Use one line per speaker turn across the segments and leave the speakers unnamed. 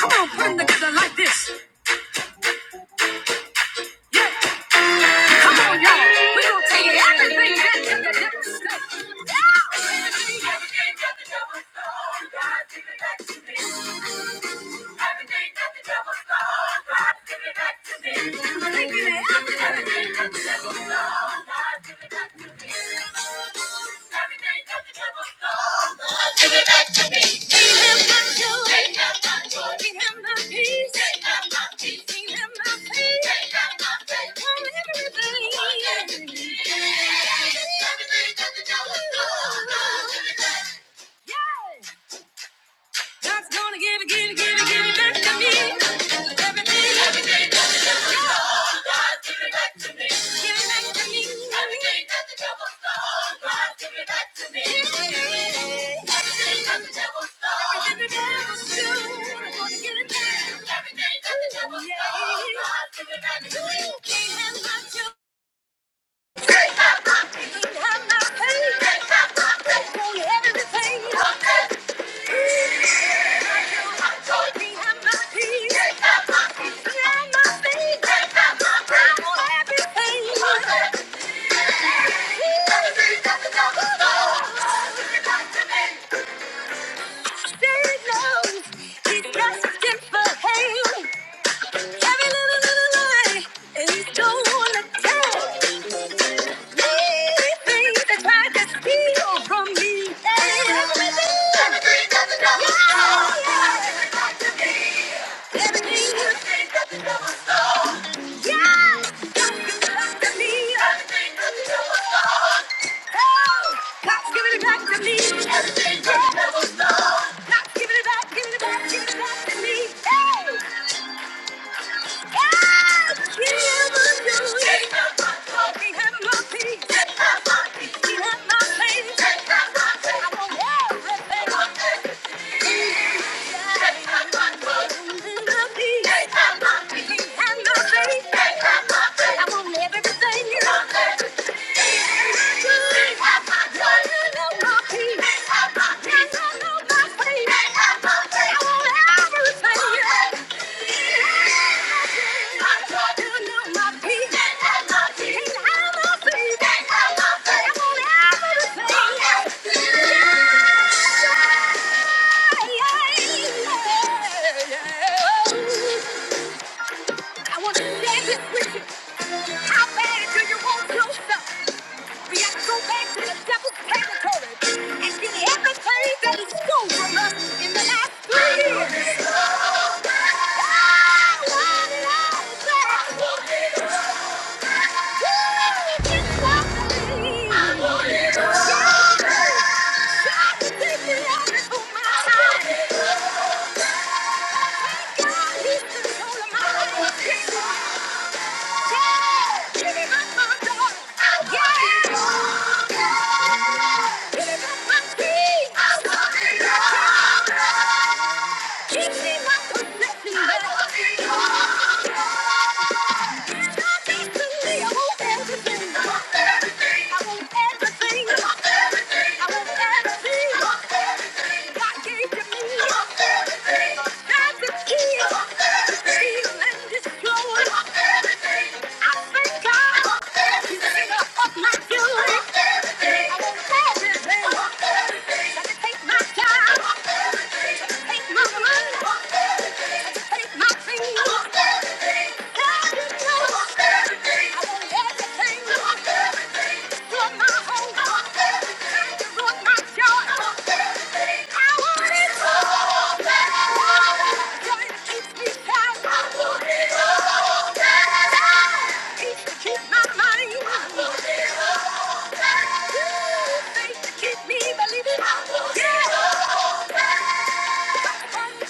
Come on, bring the good like this. Come on, y'all. We're going to take it. Everything that the devil stole. Everything that the devil stole. God, give it back to me. God's gonna give it, give it, give it, give it back to me. Everything, that the devil stole, God, give it back to me. Give it back to me. Everything that the devil stole, God, give it back to me. Everything that the devil stole, everything that the devil stole, Every little, little lie, and he's gonna tell. Things that tried to steal from me. Everything that the devil stole. Everything that the devil stole. Yes, God's given it back to me. Everything that the devil stole. God's given it back to me. Everything that the devil stole. God's given it back, given it back, given it back to me. I want Everything. I want to dance with you. How bad do you want yourself? We have to go back to the devil's territory and get everything that he stole from us in the last three years. Ah, Why did I say? it all back. Do it if you love me. I belong to put my time, to my daughter. Yeah. I'm done. Yeah, please. Give me my possession back. I want everything. Take my time. Take my money. Take my things. God, you know I want everything. Ruin my home. You ruin my joy. I want it all back. Joy that keeps me down. Peace to keep my mind. Faith to keep me believing. Yeah. Come on,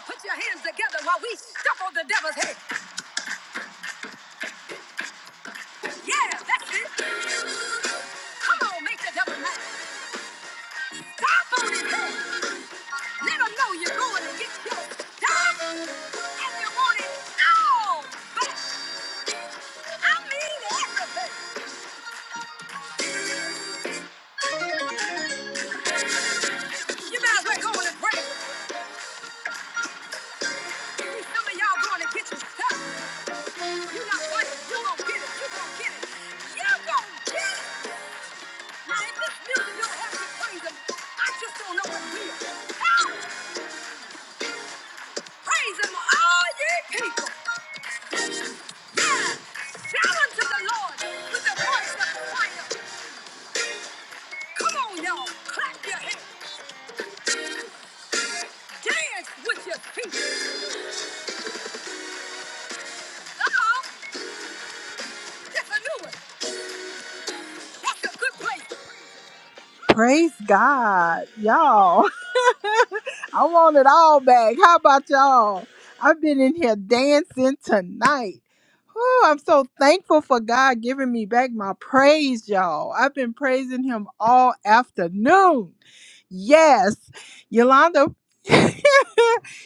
put your hands together while we stomp on the devil's head. Yeah, that's it. Come on, make the devil laugh. Stop on his head. Let them know you're going to get your stuff and you want it all. But I mean everything. You might as well go in and pray. Some of y'all going to get your stuff. You're not going to, you're going to get it. You're going to get it. You're going to get it. Now, if this music don't have you praise him, I just don't know what will. Ah, Praise him, all ye people. Yeah. Shout unto the Lord with the voice of triumph. Come on, y'all. Clap your hands. Dance with your feet. Praise God, y'all. I want it all back. How about y'all? I've been in here dancing tonight. Oh, I'm so thankful for God giving me back my praise, y'all. I've been praising Him all afternoon. Yes, Yolanda,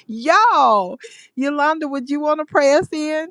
y'all, Yolanda, would you want to pray us in?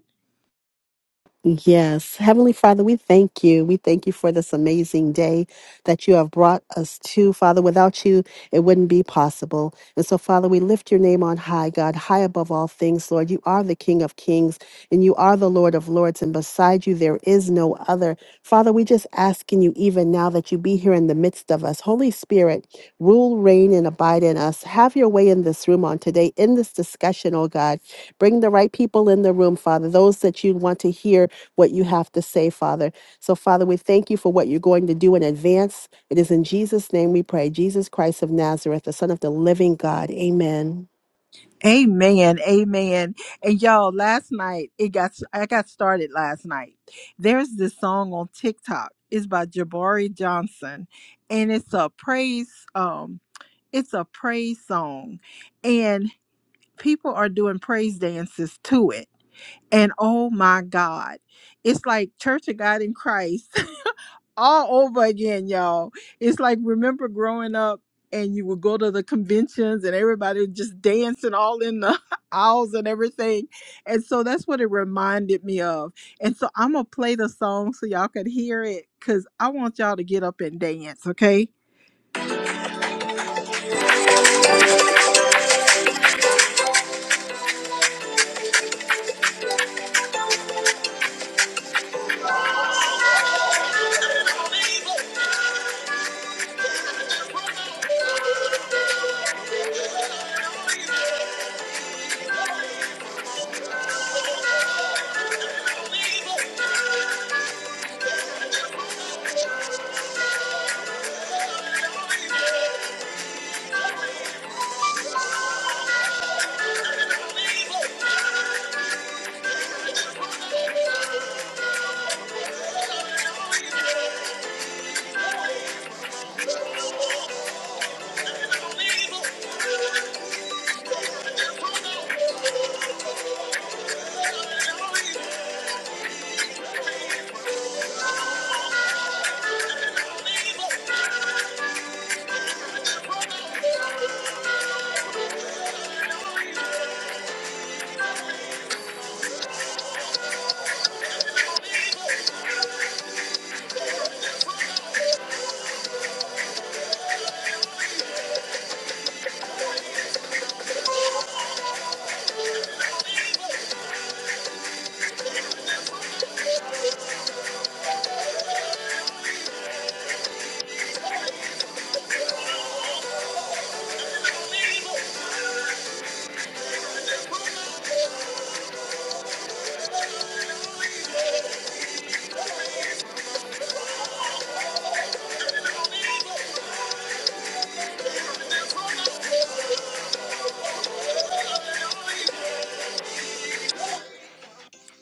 Yes. Heavenly Father, we thank you. We thank you for this amazing day that you have brought us to. Father, without you, it wouldn't be possible. And so, Father, we lift your name on high, God, high above all things, Lord. You are the King of kings and you are the Lord of lords, and beside you, there is no other. Father, we just asking you even now that you be here in the midst of us. Holy Spirit, rule, reign, and abide in us. Have your way in this room on today, in this discussion, oh God. Bring the right people in the room, Father, those that you want to hear what you have to say, Father. So, Father, we thank you for what you're going to do in advance. It is in Jesus' name we pray. Jesus Christ of Nazareth, the Son of the Living God. Amen.
Amen. Amen. And y'all, last night it got I got started last night. There's this song on TikTok. It's by Jabari Johnson. And it's a praise, um, it's a praise song. And people are doing praise dances to it. And oh my God. It's like Church of God in Christ all over again, y'all. It's like remember growing up and you would go to the conventions and everybody would just dancing all in the aisles and everything. And so that's what it reminded me of. And so I'm gonna play the song so y'all could hear it because I want y'all to get up and dance, okay?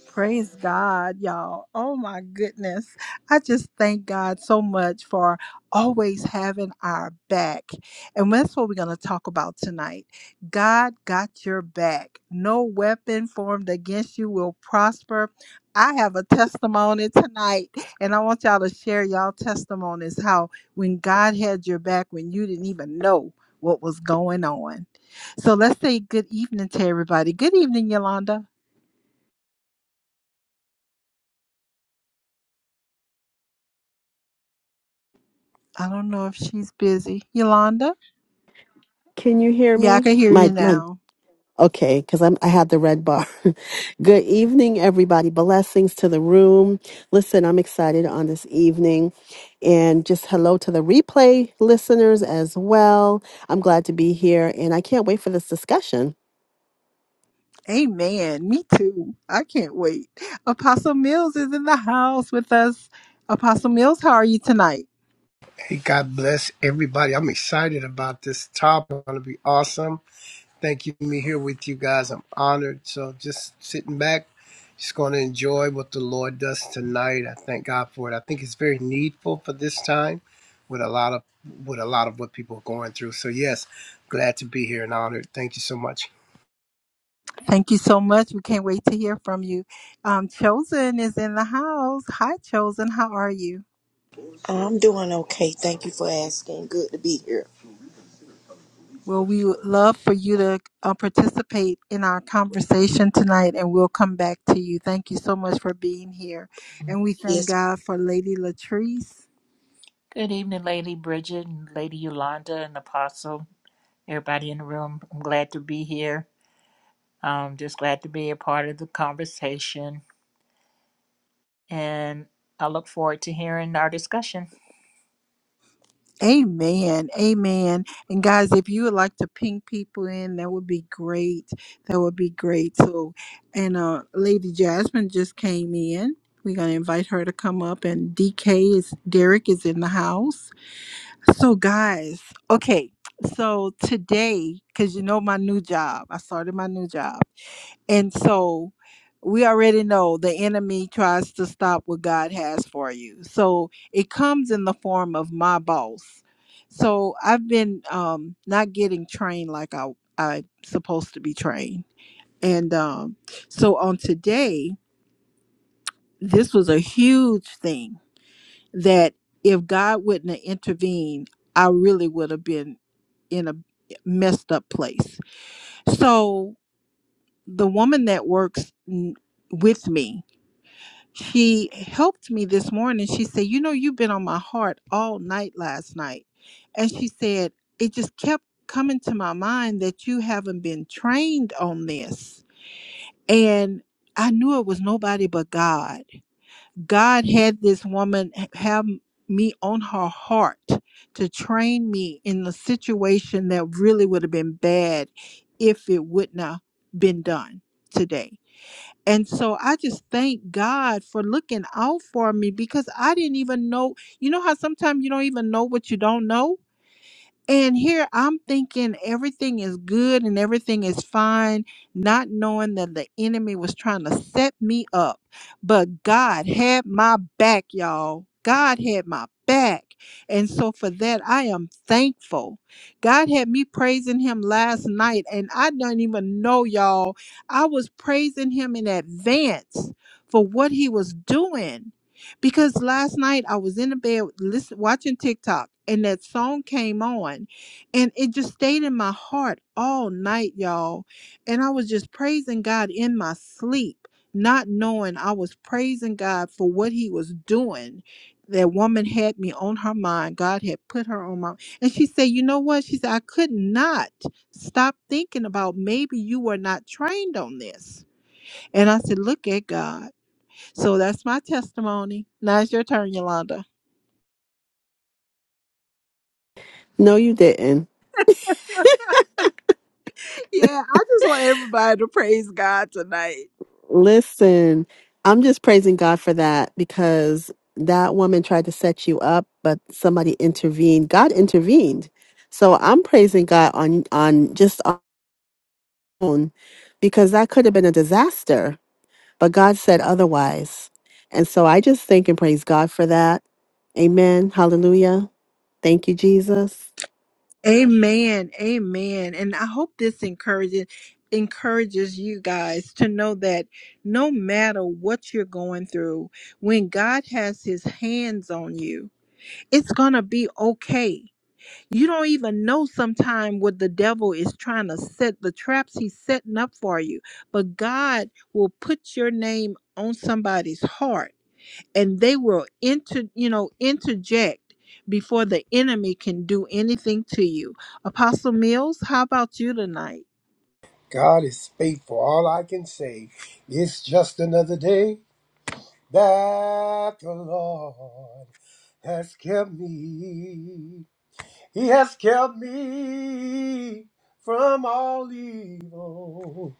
Praise God, y'all. Oh my goodness. I just thank God so much for always having our back. And that's what we're going to talk about tonight. God got your back. No weapon formed against you will prosper. I have a testimony tonight, and I want y'all to share y'all testimonies how when God had your back when you didn't even know what was going on. So let's say good evening to everybody. Good evening, Yolanda. I don't know if she's busy. Yolanda?
Can you hear
Yeah, I
me?
can hear you
My my
now.
okay, because I'm I had the red bar. Good evening, everybody. Blessings to the room. Listen, I'm excited on this evening. And just hello to the replay listeners as well. I'm glad to be here and I can't wait for this discussion.
Amen. Me too. I can't wait. Apostle Mills is in the house with us. Apostle Mills, how are you tonight?
Hey, God bless everybody. I'm excited about this topic. It's going to be awesome. Thank you, for me here with you guys. I'm honored. So just sitting back, just going to enjoy what the Lord does tonight. I thank God for it. I think it's very needful for this time, with a lot of with a lot of what people are going through. So yes, glad to be here and honored. Thank you so much.
Thank you so much. We can't wait to hear from you. Um, Chosen is in the house. Hi, Chosen. How are you?
I'm doing okay. Thank you for asking. Good to be here.
Well, we would love for you to uh, participate in our conversation tonight, and we'll come back to you. Thank you so much for being here. And we thank
Yes,
God for Lady Latrice.
Good evening, Lady Bridget and Lady Yolanda and Apostle, everybody in the room. I'm glad to be here. I'm just glad to be a part of the conversation. And I look forward to hearing our discussion.
Amen. Amen. And guys, if you would like to ping people in, that would be great. That would be great. So, and uh Lady Jasmine just came in. We're going to invite her to come up and DK is Derek is in the house. So, guys, okay. So, today cuz you know my new job. I started my new job. And so we already know the enemy tries to stop what God has for you. So it comes in the form of my boss. So I've been um, not getting trained like I I supposed to be trained. And um, so on today, this was a huge thing that if God wouldn't have intervened, I really would have been in a messed up place. So the woman that works n- with me, she helped me this morning. She said, You know, you've been on my heart all night last night. And she said, It just kept coming to my mind that you haven't been trained on this. And I knew it was nobody but God. God had this woman h- have me on her heart to train me in a situation that really would have been bad if it would not been done today and so I just thank God for looking out for me because I didn't even know. You know how sometimes you don't even know what you don't know? And here I'm thinking everything is good and everything is fine, not knowing that the enemy was trying to set me up. But God had my back, y'all. God had my back. And so for that, I am thankful. God had me praising him last night, and I don't even know, y'all. I was praising him in advance for what he was doing because last night I was in the bed listen, watching TikTok and that song came on and it just stayed in my heart all night, y'all. And I was just praising God in my sleep, not knowing I was praising God for what he was doing. That woman had me on her mind. God had put her on my and she said, You know what? She said, I could not stop thinking about maybe you were not trained on this. And I said, Look at God. So that's my testimony. Now it's your turn, Yolanda.
No, you didn't.
Yeah, I just want everybody to praise God tonight.
Listen, I'm just praising God for that because that woman tried to set you up, but somebody intervened. God intervened. So I'm praising God on on just on its own because that could have been a disaster, but God said otherwise. And so I just thank and praise God for that. Amen. Hallelujah. Thank you, Jesus.
Amen. Amen. And I hope this encourages encourages you guys to know that no matter what you're going through, when God has his hands on you, it's going to be okay. You don't even know sometime what the devil is trying to set the traps he's setting up for you, but God will put your name on somebody's heart and they will inter you know interject before the enemy can do anything to you apostle mills how about you tonight
God is faithful. All I can say is just another day that the Lord has kept me. He has kept me from all evil,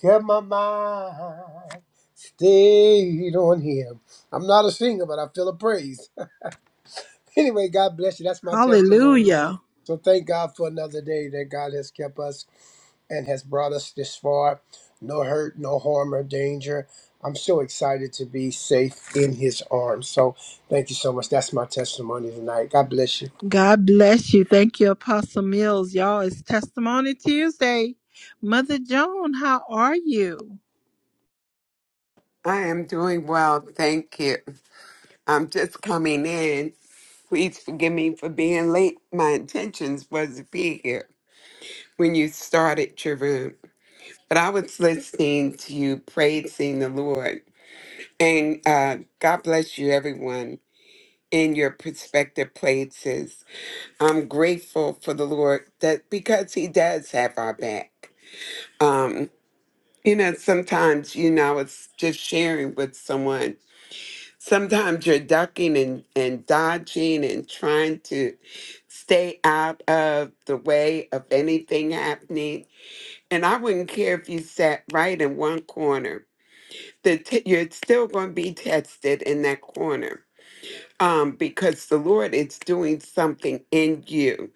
kept my mind stayed on Him. I'm not a singer, but I feel a praise. anyway, God bless you. That's my testimony.
hallelujah
So thank God for another day that God has kept us and has brought us this far. No hurt, no harm or danger. I'm so excited to be safe in His arms. So thank you so much. That's my testimony tonight. God bless you.
god bless you thank you apostle mills y'all it's testimony tuesday mother joan how are you
I am doing well, thank you. I'm just coming in. Please forgive me for being late. My intentions was to be here when you started your room, but I was listening to you praising the Lord. And uh, God bless you, everyone, in your prospective places. I'm grateful for the Lord that because He does have our back. Um, you know, sometimes, you know, I was just sharing with someone. sometimes you're ducking and, and dodging and trying to stay out of the way of anything happening. And I wouldn't care if you sat right in one corner. The t- you're still going to be tested in that corner um, because the Lord is doing something in you.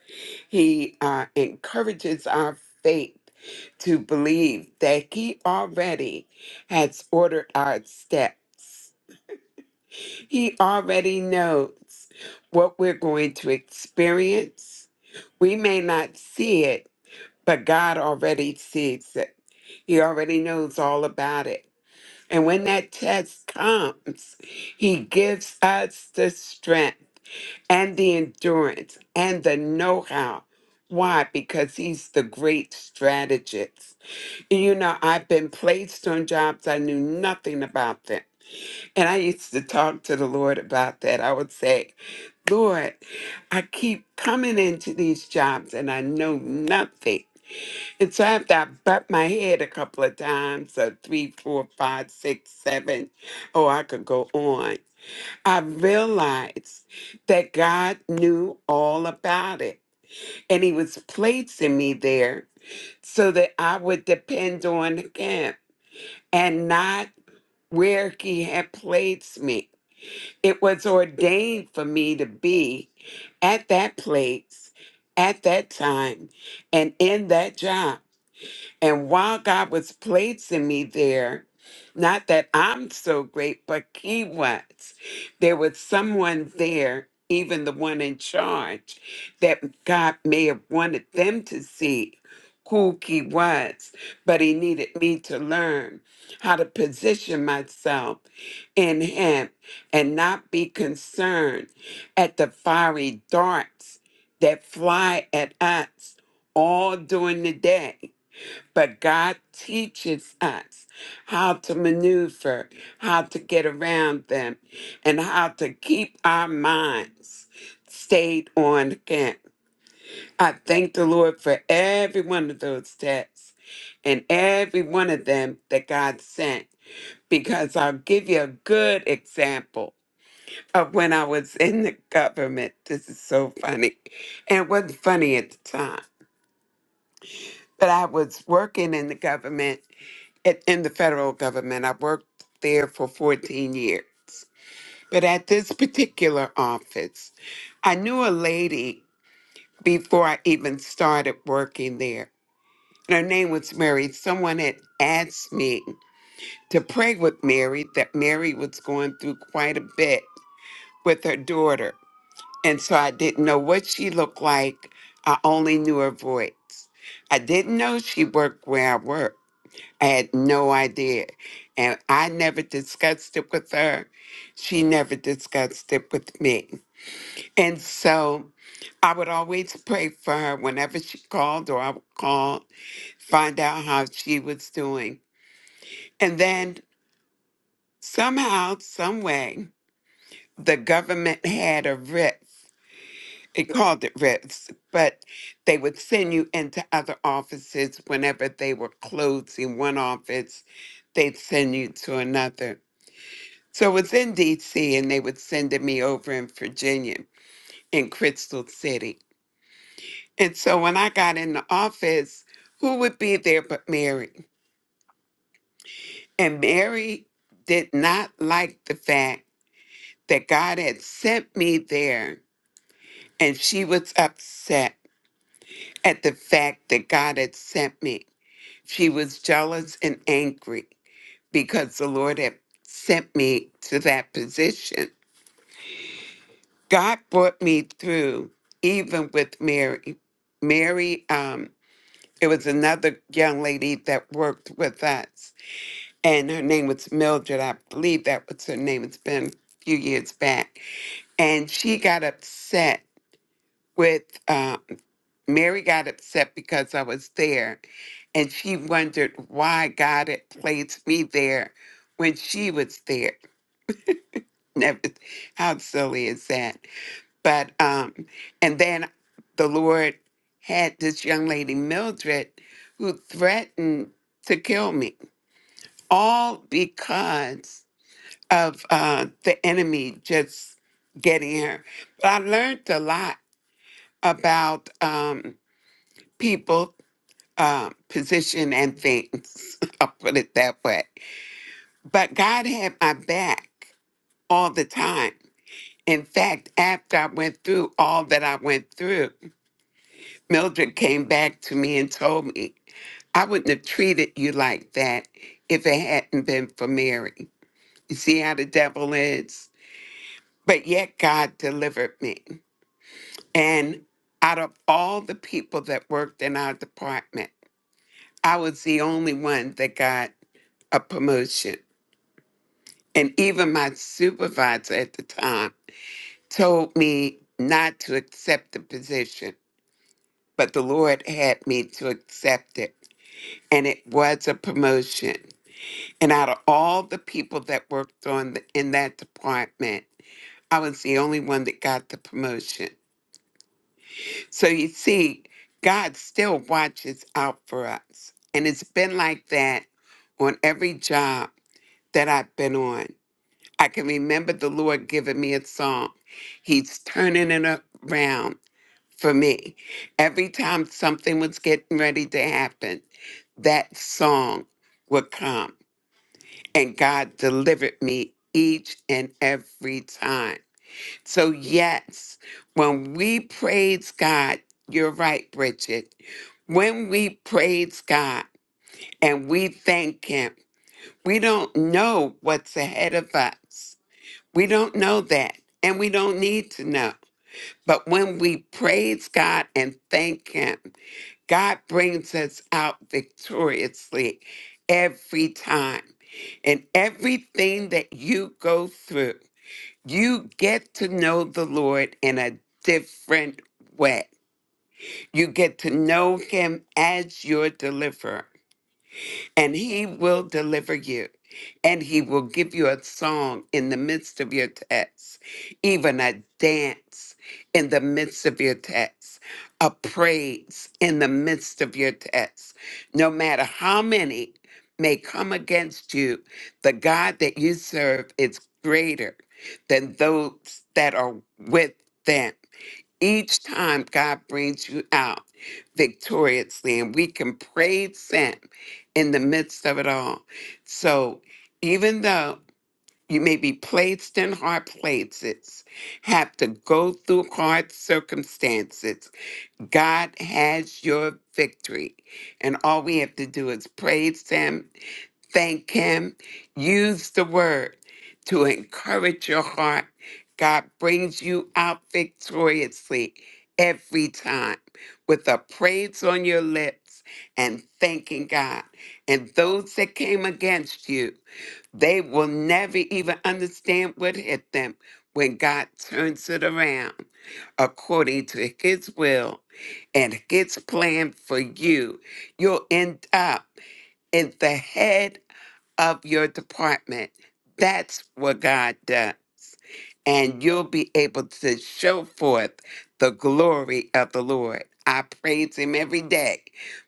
He uh, encourages our faith to believe that He already has ordered our steps he already knows what we're going to experience. We may not see it, but God already sees it. He already knows all about it. And when that test comes, He gives us the strength and the endurance and the know how. Why? Because He's the great strategist. You know, I've been placed on jobs I knew nothing about them and I used to talk to the Lord about that. I would say, Lord, I keep coming into these jobs and I know nothing. And so after I butt my head a couple of times, so three, four, five, six, seven, oh, I could go on. I realized that God knew all about it. And he was placing me there so that I would depend on him and not where he had placed me it was ordained for me to be at that place at that time and in that job. And while God was placing me there, not that I'm so great, but He was, there was someone there, even the one in charge, that God may have wanted them to see who He was, but He needed me to learn how to position myself in Him and not be concerned at the fiery darts that fly at us all during the day but God teaches us how to maneuver, how to get around them, and how to keep our minds stayed on Him. I thank the Lord for every one of those tests and every one of them that God sent, because I'll give you a good example of when I was in the government. This is so funny. And it wasn't funny at the time, but I was working in the government at, in the federal government. I worked there for 14 years. But at this particular office, I knew a lady before I even started working there. And her name was Mary. Someone had asked me to pray with Mary that Mary was going through quite a bit with her daughter. And so I didn't know what she looked like. I only knew her voice. I didn't know she worked where I worked. I had no idea. And I never discussed it with her. She never discussed it with me. And so I would always pray for her whenever she called or I would call, find out how she was doing. And then somehow, some way, the government had a writ. It called it writs, but they would send you into other offices whenever they were closing one office. They'd send you to another. So it was in DC and they were sending me over in Virginia in Crystal City. And so when I got in the office, who would be there but Mary? And Mary did not like the fact that God had sent me there and she was upset at the fact that God had sent me. She was jealous and angry because the Lord had sent me to that position. God brought me through even with Mary. Mary, um, it was another young lady that worked with us, and her name was Mildred. I believe that was her name. It's been a few years back. And she got upset with uh, Mary, got upset because I was there, and she wondered why God had placed me there when she was there. Now, How silly is that? but um and then the lord had this young lady mildred who threatened to kill me all because of uh the enemy just getting her but i learned a lot about um people uh, position and things i'll put it that way but god had my back all the time in fact after i went through all that i went through Mildred came back to me and told me, I wouldn't have treated you like that if it hadn't been for Mary. You see how the devil is? But yet God delivered me. And out of all the people that worked in our department, I was the only one that got a promotion. And even my supervisor at the time told me not to accept the position, but the Lord had me to accept it. And it was a promotion. And out of all the people that worked on the, in that department, I was the only one that got the promotion. So you see, God still watches out for us. And it's been like that on every job that I've been on. I can remember the Lord giving me a song. He's turning it around for me. Every time something was getting ready to happen, that song would come. and God delivered me each and every time. So, yes, when we praise God, you're right, Bridget. When we praise God and we thank Him, we don't know what's ahead of us. We don't know that, and we don't need to know. But when we praise God and thank Him, God brings us out victoriously every time. And everything that you go through, you get to know the Lord in a different way. You get to know Him as your deliverer and he will deliver you. And he will give you a song in the midst of your test, even a dance in the midst of your test, a praise in the midst of your test. No matter how many may come against you, the God that you serve is greater than those that are with them. Each time God brings you out victoriously, and we can praise Him in the midst of it all. So, even though you may be placed in hard places, have to go through hard circumstances, God has your victory. And all we have to do is praise Him thank Him. Use the word to encourage your heart. God brings you out victoriously every time with a praise on your lips and thanking God. And those that came against you, they will never even understand what hit them when God turns it around according to His will and His plan for you. You'll end up in the head of your department. That's what God does. And you'll be able to show forth the glory of the Lord. I praise Him every day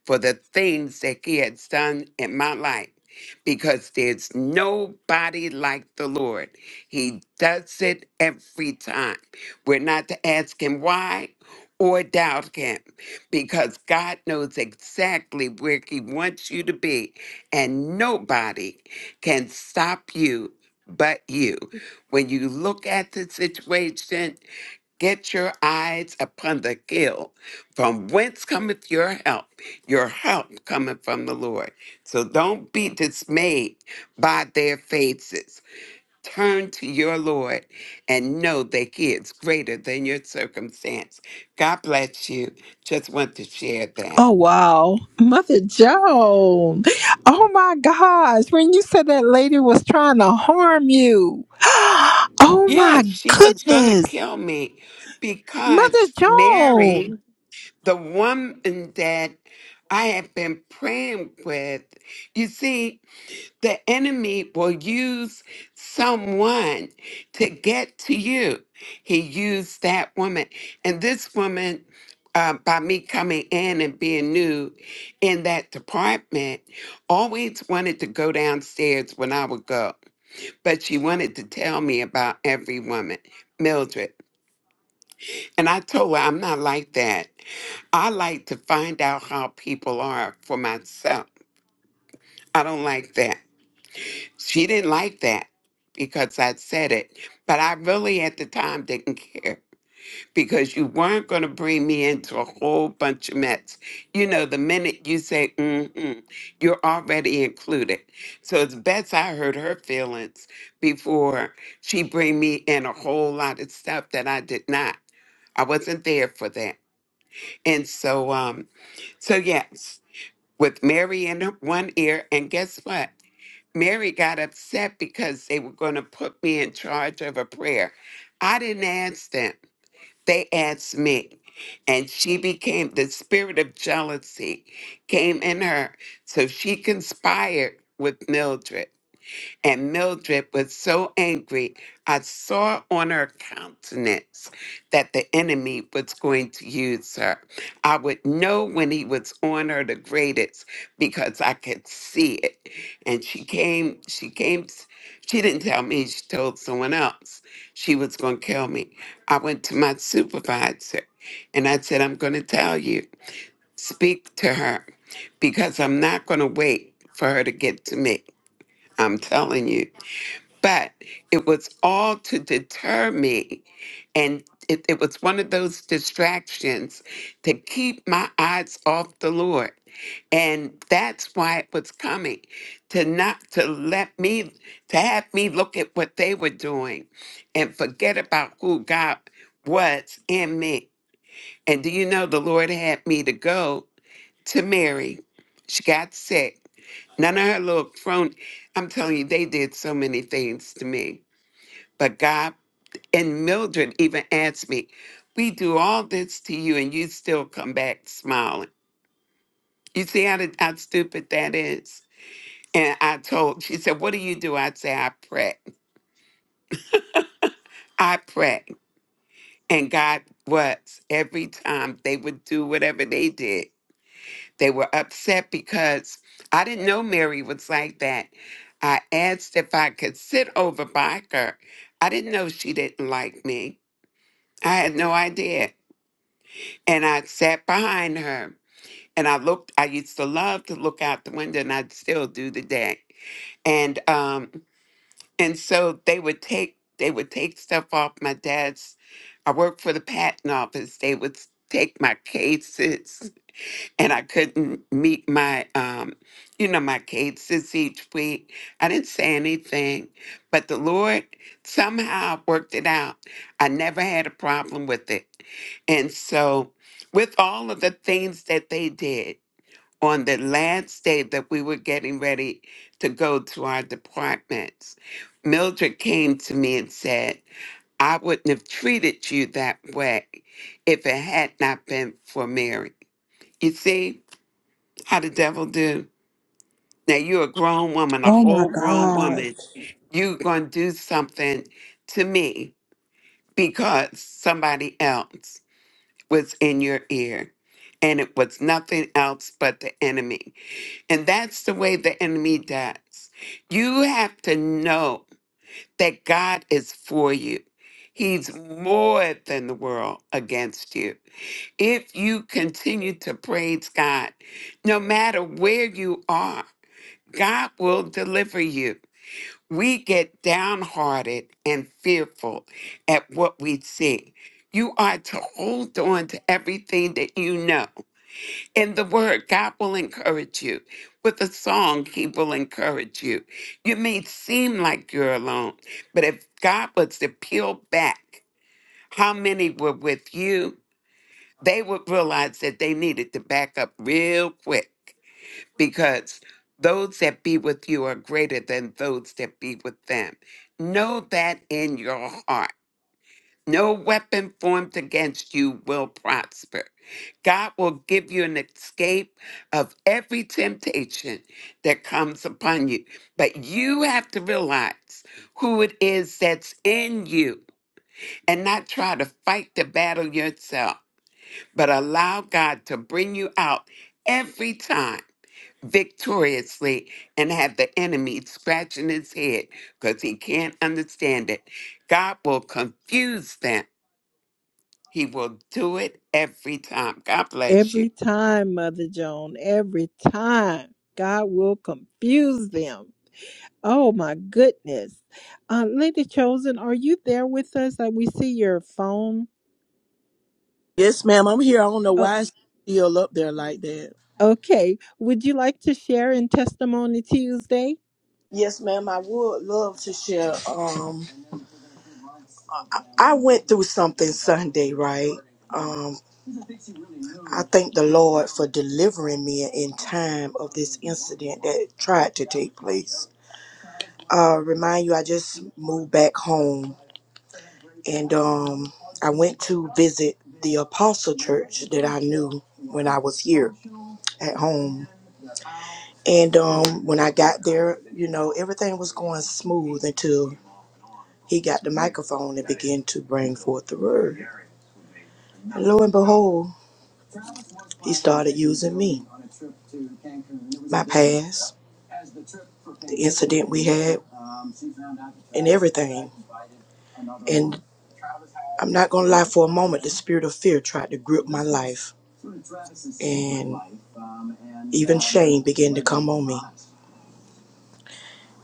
for the things that He has done in my life because there's nobody like the Lord. He does it every time. We're not to ask Him why or doubt Him because God knows exactly where He wants you to be and nobody can stop you but you. When you look at the situation, get your eyes upon the hill. From whence cometh your help? Your help cometh from the Lord. So don't be dismayed by their faces. Turn to your Lord and know that He is greater than your circumstance. God bless you. Just want to share that.
oh wow mother joan oh my gosh when you said that lady was trying to harm you oh my
Yes, she was going to
goodness
kill me
mother
because
joan
Mary, the woman that I have been praying with, you see, the enemy will use someone to get to you. He used that woman. And this woman, uh, by me coming in and being new in that department, always wanted to go downstairs when I would go but she wanted to tell me about every woman, Mildred. And I told her I'm not like that. I like to find out how people are for myself. I don't like that. She didn't like that because I said it, but I really at the time didn't care. because you weren't going to bring me into a whole bunch of mess. You know, the minute you say, mm-hmm, you're already included. So it's best I heard her feelings before she bring me in a whole lot of stuff that I did not. I wasn't there for that. And so, um, so yes, with Mary in her- one ear, and guess what? Mary got upset because they were going to put me in charge of a prayer. I didn't ask them they asked me, and she became the spirit of jealousy came in her, so she conspired with Mildred and Mildred was so angry, I saw on her countenance that the enemy was going to use her. I would know when he was on her the greatest because I could see it. And she came, she came, she didn't tell me, she told someone else she was going to kill me. I went to my supervisor and I said, I'm going to tell you, speak to her because I'm not going to wait for her to get to me. I'm telling you but it was all to deter me. And it, it was one of those distractions to keep my eyes off the Lord. And that's why it was coming to not to let me to have me look at what they were doing and forget about who God was in me. And do you know the Lord had me to go to Mary? She got sick. None of her little crone. I'm telling you, they did so many things to me but God and Mildred even asked me, We do all this to you and you still come back smiling. You see how, the, how stupid that is? And I told, she said, What do you do? I say, I pray. I pray. And God was every time they would do whatever they did. They were upset because I didn't know Mary was like that. I asked if I could sit over by her. I didn't know she didn't like me. I had no idea. and I sat behind her and I looked I used to love to look out the window and I still do today. And um and so they would take they would take stuff off my dad's I worked for the patent office. They would s- take my cases and I couldn't meet my, um, you know, my cases each week. I didn't say anything, but the Lord somehow worked it out. I never had a problem with it. And so, with all of the things that they did on the last day that we were getting ready to go to our departments, Mildred came to me and said, I wouldn't have treated you that way if it had not been for Mary. You see, how the devil do. Now you're a grown woman, a
Oh my
whole grown
God.
woman. You're gonna do something to me because somebody else was in your ear. And it was nothing else but the enemy. And that's the way the enemy does. You have to know that God is for you. He's more than the world against you. If you continue to praise God, no matter where you are, God will deliver you. We get downhearted and fearful at what we see. You are to hold on to everything that you know. In the word, God will encourage you. With a song, He will encourage you. You may seem like you're alone, but if God was to peel back how many were with you, they would realize that they needed to back up real quick because those that be with you are greater than those that be with them. Know that in your heart. No weapon formed against you will prosper. God will give you an escape of every temptation that comes upon you. But you have to realize who it is that's in you and not try to fight the battle yourself, but allow God to bring you out every time victoriously and have the enemy scratching his head because he can't understand it. God will confuse them. He will do it every time. God bless you.
Every time, Mother Joan, every time, God will confuse them. Oh my goodness. Uh, Lady Chosen, are you there with us? Uh, we see your phone.
Yes, ma'am. I'm here. I don't know
Oh,
why it's still up there like that.
okay. Would you like to share in Testimony Tuesday?
yes, ma'am. I would love to share. Um, I went through something Sunday, right? Um, I thank the Lord for delivering me in time of this incident that tried to take place. Uh, remind you, I just moved back home, and um, I went to visit the Apostle Church that I knew when I was here at home. And um, when I got there, you know, everything was going smooth until he got the microphone and began to bring forth the word. And lo and behold, had used everything. And I'm not gonna lie, for a moment, the spirit of fear tried to grip my life,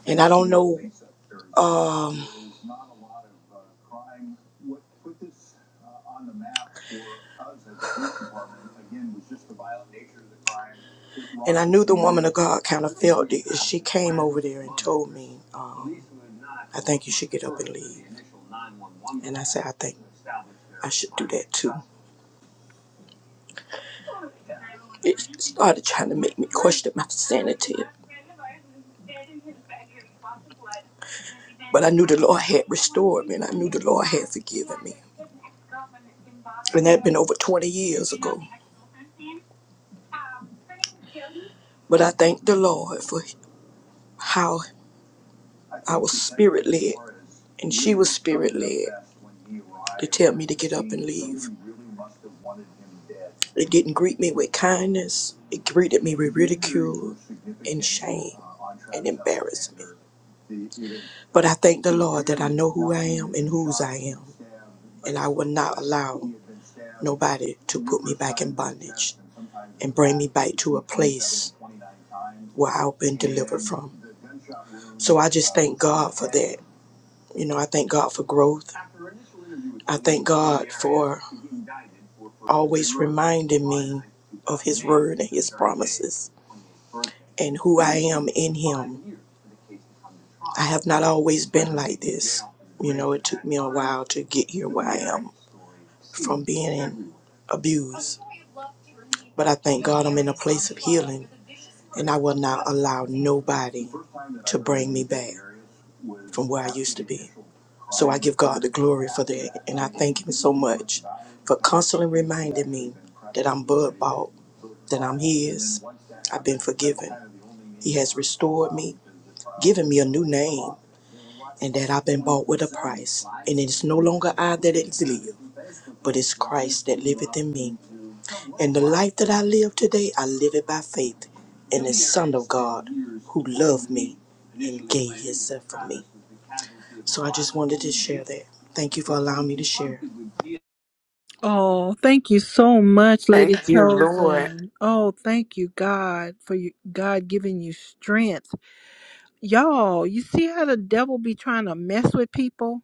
and um. I knew the woman of God kind of felt it. She came over there and told me, um, I think you should get I think should do that too. It started trying to make me question my sanity. the Lord had me and I knew the Lord had forgiven in over 20 years. But I thank the Lord for how it didn't greet me with kindness. It greeted me, but I thank Lord about it to where I've been. at. You know, I thank God for growth and who in Him. Not always allowed to get here from being abused, but I thank, and I will not allow nobody to bring me back from where I used to be. So I give God the glory for that, and I thank Him so much for constantly reminding me that I'm blood bought, that I'm His, I've been forgiven, He has restored me, given me a new name, and that I've been bought with a price. And it is no longer I that is live, but it's Christ that liveth in me. And the life that I live today, I live it by faith in the Son of God who loved me and gave himself for me. So I just wanted to share that. Thank you for allowing me to share.
Oh, thank you so much, Lady
Thank you, Lord.
Chosen. Oh, thank you, God, for you, God giving you strength. Y'all, you see how the devil be trying to mess with people?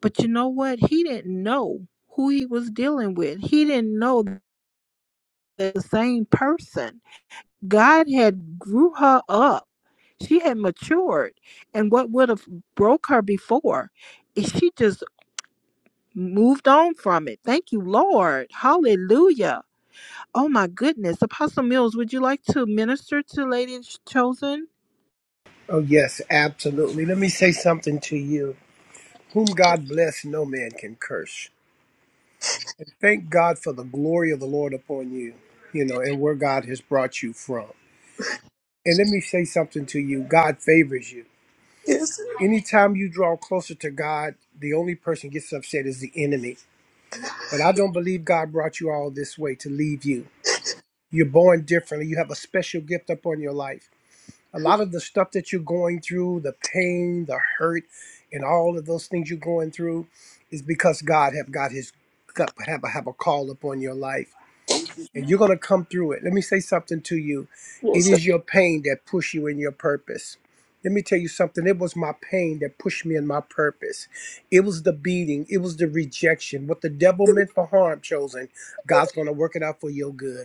But you know what? He didn't know who he was dealing with. He didn't know that the same person. God had grew her up. She had matured. And what would have broke her before, she just moved on from it. Thank you, Lord. Hallelujah Oh my goodness. Apostle Mills, would you like to minister to Lady Chosen?
Oh, yes, absolutely. Let me say something to you. Whom God bless, no man can curse. And thank God for the glory of the Lord upon you, you know, and where God has brought you from. And let me say something to you God favors you.
Yes.
Anytime you draw closer to God, the only person gets upset is the enemy. But I don't believe God brought you all this way to leave you. You're born differently, you have a special gift upon your life. a lot of the stuff that you're going through, the pain, the hurt, and all of those things you're going through, is because God have got His got- have a, have a call upon your life, and you're gonna come through it. Let me say something to you. It is your pain that push you in your purpose. Let me tell you something. It was my pain that pushed me in my purpose. It was the beating. It was the rejection. What the devil meant for harm, chosen, God's gonna work it out for your good.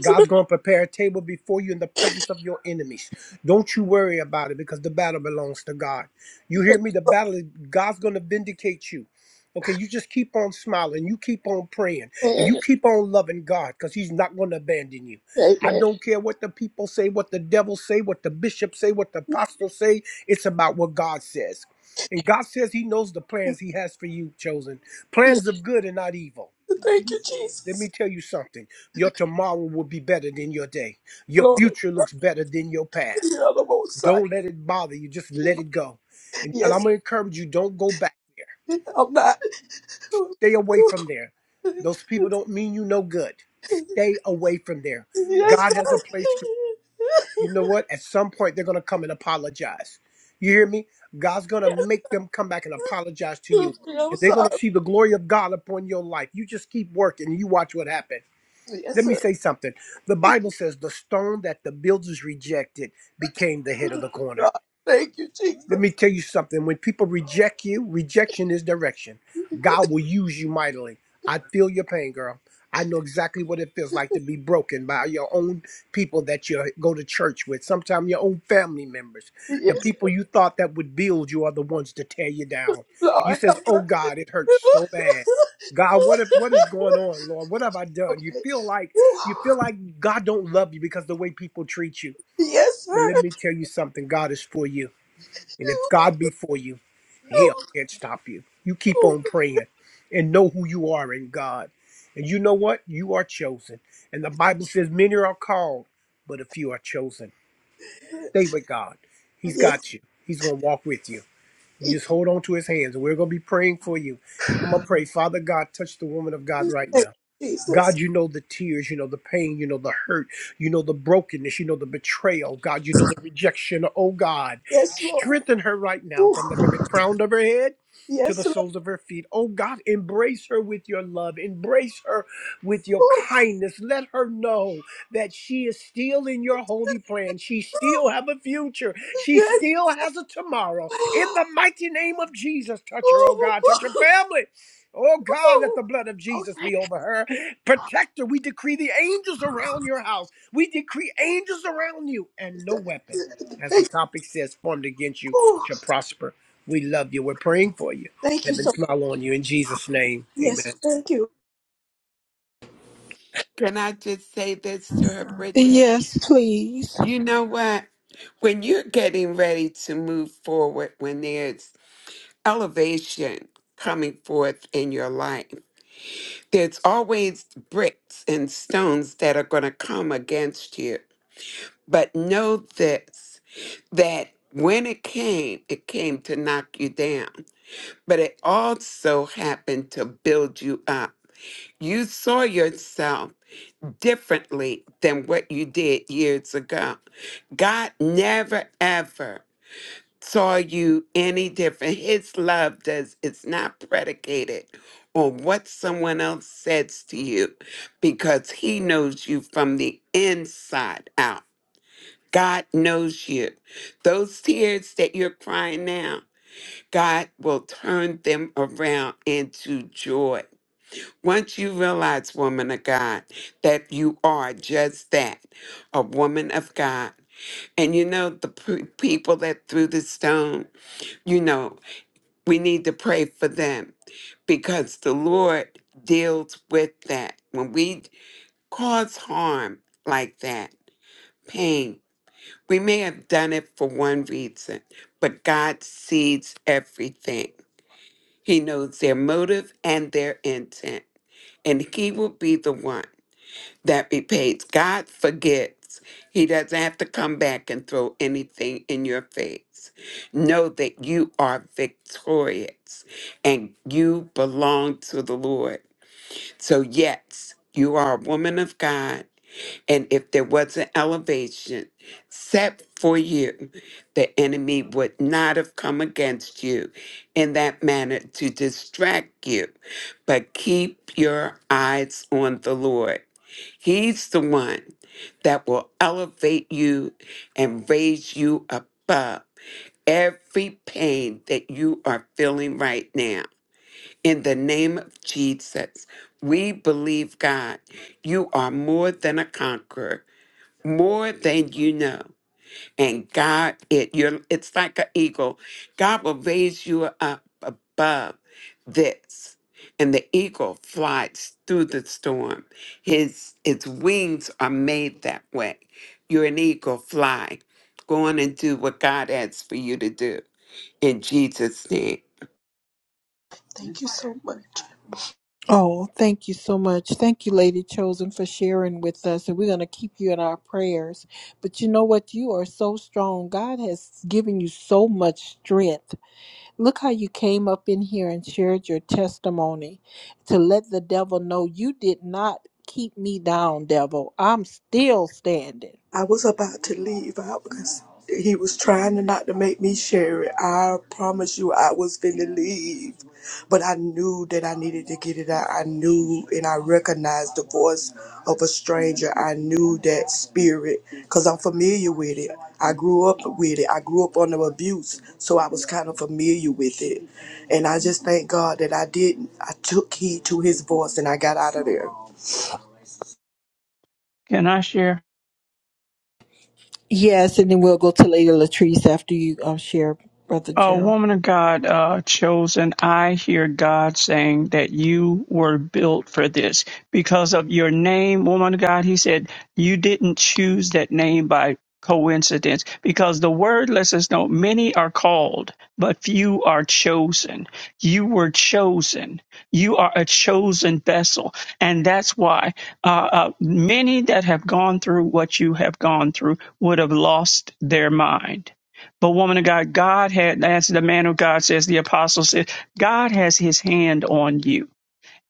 God's going to prepare a table before you in the presence of your enemies. Don't you worry about it because the battle belongs to God. You hear me? The battle is God's going to vindicate you. Okay, you just keep on smiling, you keep on praying, and you
Amen.
keep on loving God because He's not going to abandon you. I
Amen.
don't care what the people say, what the devil say, what the bishops say, what the apostles say. It's about what God says, and God says He knows the plans He has for you, chosen
Yes.
plans of good and not evil
Thank you,
let
Jesus.
me tell you something. Your tomorrow will be better than your day. Your
Glory
future looks better than your
to
past.
the other most side.
Don't let it bother you. Just let it go. And, and I'm
Yes.
going to encourage you don't go back there.
I'm not.
Stay away from there. Those people don't mean you no good. Stay away from there.
Yes,
God
sir.
has a place for you. You know what? At some point, they're going to come and apologize. You hear me? God's going to make them come back and apologize to
Excuse
you.
me, I'm
And they're going to
sorry.
see the glory of God upon your life. You just keep working. You watch what happens. Let
Yes,
me
sir.
say something. The Bible says the stone that the builders rejected became the head of the corner.
God, thank you,
Let me
Jesus.
tell you something. When people reject you, rejection is direction. God will use you mightily. I feel your pain, girl. I know exactly what it feels like to be broken by your own people that you go to church with, sometimes your own family members. The
Yes,
people you thought that would build you are the ones to tear you down. And you
Lord,
says,
help
"Oh
her.
God, it hurts so bad." God, what if, what is going on, Lord? What have I done? You
okay.
feel like you feel like God don't love you because the way people treat you.
Yes,
But
sir.
let me
Yes,
tell you something. God is for you. And if God be for you, hell can't stop you. You keep on praying and know who you are in God. And you know what? You are chosen. And the Bible says many are called, but a few are chosen. Stay with God. He's got you. He's going to walk with you. You just hold on to his hands. And we're going to be praying for you. And I'm going to pray, Father God, touch the woman of God right now.
thank you, Jesus.
God, you know the tears, you know the pain, you know the hurt, you know the brokenness, you know the betrayal. God, you know the rejection. Oh God,
Yes, Lord.
strengthen her right now from the very crown of her head to the
Yes, Lord.
soles of her feet. Oh God, embrace her with your love, embrace her with your kindness. Let her know that she is still in your holy plan. She still have a future. She
Yes.
still has a tomorrow. In the mighty name of Jesus, touch her, oh God, touch her
Whew.
family. Oh God, let the blood of Jesus be over her. protect her. we decree the angels around your house. We decree angels around you and no weapon, as the
Okay.
topic says, formed against you
Whew.
shall prosper. We love you. We're praying for you.
Thank you
Heaven
so.
smile on you in Jesus' name. Amen.
Yes, thank you.
Can I just say this to her, Bridget?
Yes, please.
You know what? When you're getting ready to move forward, when there's elevation coming forth in your life. There's always bricks and stones that are going to come against you. But know this that when it came, it came to knock you down, but it also happened to build you up. You saw yourself differently than what you did years ago. God never, ever. saw you any different. His love does it's not predicated on what someone else says to you because he knows you from the inside out. God knows you. Those tears that you're crying now, God will turn them around into joy. Once you realize, woman of God, that you are just that, a woman of God. And you know, the pe- people that threw the stone, you know we need to pray for them because the Lord deals with that. When we cause harm like that, pain, we may have done it for one reason, but God sees everything. He knows their motive and their intent, and He will be the one that be paid. God forgets. He doesn't have to come back and throw anything in your face. Know that you are victorious and you belong to the Lord. So, yes, you are a woman of God. And if there was an elevation set for you, the enemy would not have come against you in that manner to distract you. But keep your eyes on the Lord. He's the one that will elevate you and raise you above every pain that you are feeling right now. In the name of Jesus, we believe, God, you are more than a conqueror more than you know. And God, it you're it's like an eagle. God will raise you up above this. And the eagle flies through the storm. His its wings are made that way. You're an eagle, fly. Go on and do what God asks for you to do in Jesus' name.
Oh, thank you so much. Thank you, Lady Chosen, for sharing with us. And we're going to keep you in our prayers. But you know what? You are so strong. God has given you so much strength. Look how you came up in here and shared your testimony to let the devil know you did not keep me down, devil. I'm still standing.
I was about to leave out because he was trying to not to make me share it. I promise you, I was finna leave, but I knew that I needed to get it out. I knew and I recognized the voice of a stranger. I knew that spirit because I'm familiar with it. I grew up with it. I grew up under abuse, so I was kind of familiar with it. And I just thank God that I didn't. I took heed to his voice and I got out of there.
Can I share?
Yes, and then we'll go to Lady Latrice after you um, share, Brother
A
Gerald.
woman of God uh, chosen, I hear God saying that you were built for this because of your name, woman of God. He said you didn't choose that name by coincidence because the word lets us know many are called, but few are chosen. You were chosen. You are a chosen vessel. And that's why uh, uh, many that have gone through what you have gone through would have lost their mind But woman of God, God had as the man of God says, the apostle says, God has his hand on you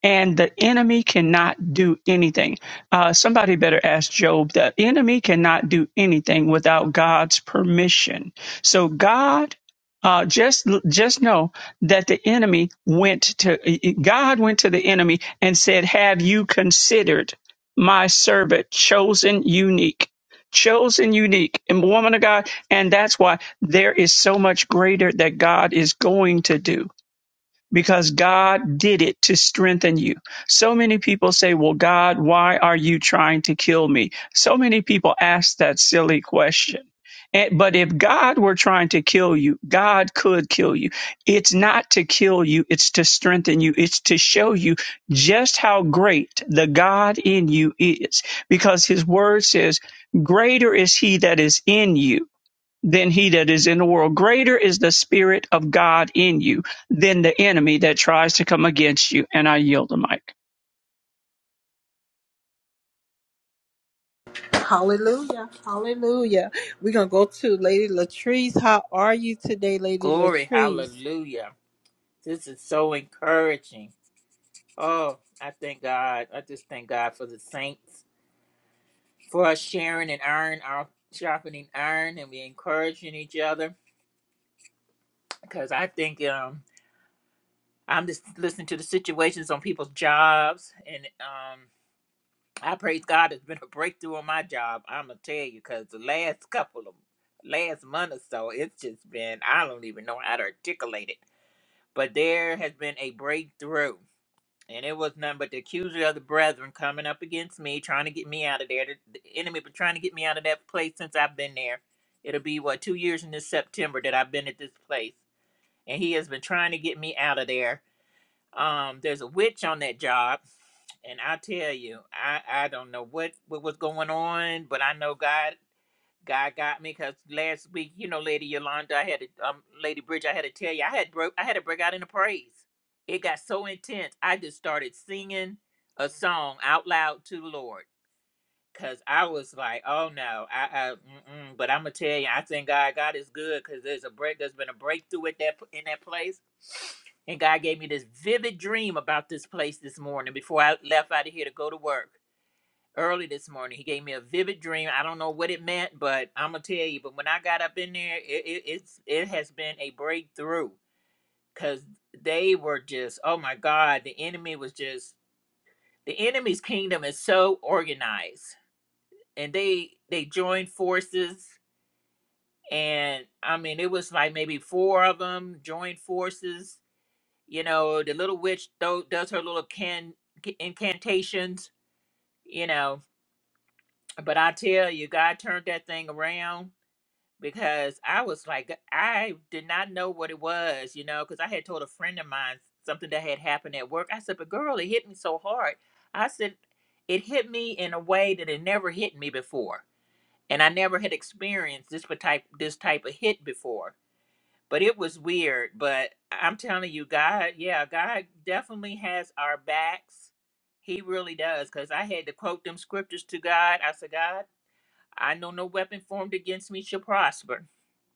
and the enemy cannot do anything. Uh, somebody better ask Job. The enemy cannot do anything without God's permission. So God. Uh, just just know that the enemy went to God went to the enemy and said, "Have you considered my servant, chosen, unique, chosen, unique, and woman of God?" And that's why there is so much greater that God is going to do because God did it to strengthen you. So many people say, Well, God, why are you trying to kill me? So many people ask that silly question. And, but if God were trying to kill you, God could kill you. It's not to kill you, it's to strengthen you, it's to show you just how great the God in you is. Because his word says, Greater is he that is in you than he that is in the world. Greater is the Spirit of God in you than the enemy that tries to come against you. And I yield the mic.
Hallelujah. Hallelujah. We're going to go to Lady Latrice. How are you today, Lady
Glory,
Latrice?
hallelujah. This is so encouraging. Oh, I thank God. I just thank God for the saints, for us sharing and iron, our sharpening iron, and we encouraging each other. Because I think um, I'm just listening to the situations on people's jobs and um I praise God. It's been a breakthrough on my job. I'm gonna tell you, cause the last couple of last month or so, it's just been I don't even know how to articulate it. But there has been a breakthrough, and it was none but the accuser of the brethren coming up against me, trying to get me out of there. The, the enemy been trying to get me out of that place since I've been there. It'll be what two years in this September that I've been at this place, and he has been trying to get me out of there um, there's a witch on that job, and I tell you, I I don't know what what was going on, but I know God God got me because last week, you know, Lady Yolanda, I had to, um, Lady Bridge, I had to tell you, I had broke, I had to break out into praise. It got so intense, I just started singing a song out loud to the Lord. Cause I was like, oh no, I, I mm-mm. but I'm gonna tell you, I think God, God is good, cause there's a break, there's been a breakthrough at that in that place, and God gave me this vivid dream about this place this morning before I left out of here to go to work early this morning. He gave me a vivid dream. I don't know what it meant, but I'm gonna tell you. But when I got up in there, it, it it's it has been a breakthrough, cause they were just, oh my God, the enemy was just the enemy's kingdom is so organized and they they joined forces and i mean it was like maybe four of them joined forces you know the little witch though does her little can incantations you know but i tell you god turned that thing around because i was like i did not know what it was you know because i had told a friend of mine something that had happened at work i said but girl it hit me so hard i said it hit me in a way that it never hit me before and I never had experienced this pa- type this type of hit before. But it was weird. But I'm telling you, God, yeah, God definitely has our backs. He really does. Cause I had to quote them scriptures to God. I said, God, I know no weapon formed against me shall prosper.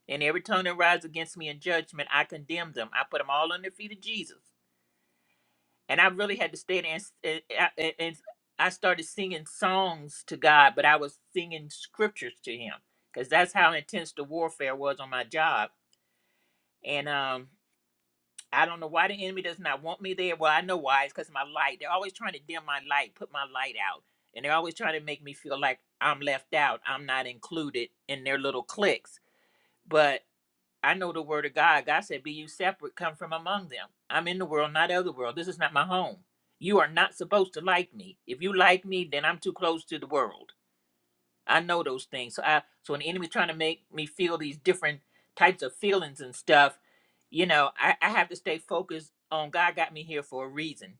And every tongue that rises against me in judgment, I condemn them. I put them all under the feet of Jesus and I really had to stay there and, and, uh, and I started singing songs to God, but I was singing scriptures to Him because that's how intense the warfare was on my job. And um, I don't know why the enemy does not want me there. Well, I know why. It's because my light. They're always trying to dim my light, put my light out, and they're always trying to make me feel like I'm left out. I'm not included in their little cliques. but. I know the word of God. God said, Be you separate, come from among them. I'm in the world, not of the world. This is not my home. You are not supposed to like me. If you like me, then I'm too close to the world. I know those things. So I so an enemy trying to make me feel these different types of feelings and stuff, you know, I, I have to stay focused on God got me here for a reason.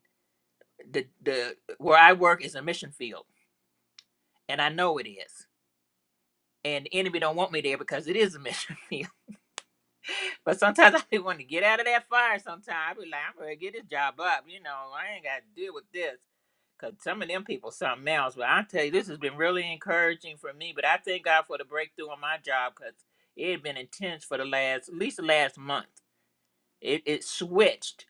The the where I work is a mission field, and I know it is. And the enemy don't want me there because it is a mission field. But sometimes I be wanting to get out of that fire. Sometimes I be like, I'm ready to get this job up. You know, I ain't got to deal with this. Cause some of them people something else. But I tell you, this has been really encouraging for me. But I thank God for the breakthrough on my job because it had been intense for the last, at least the last month. It it switched.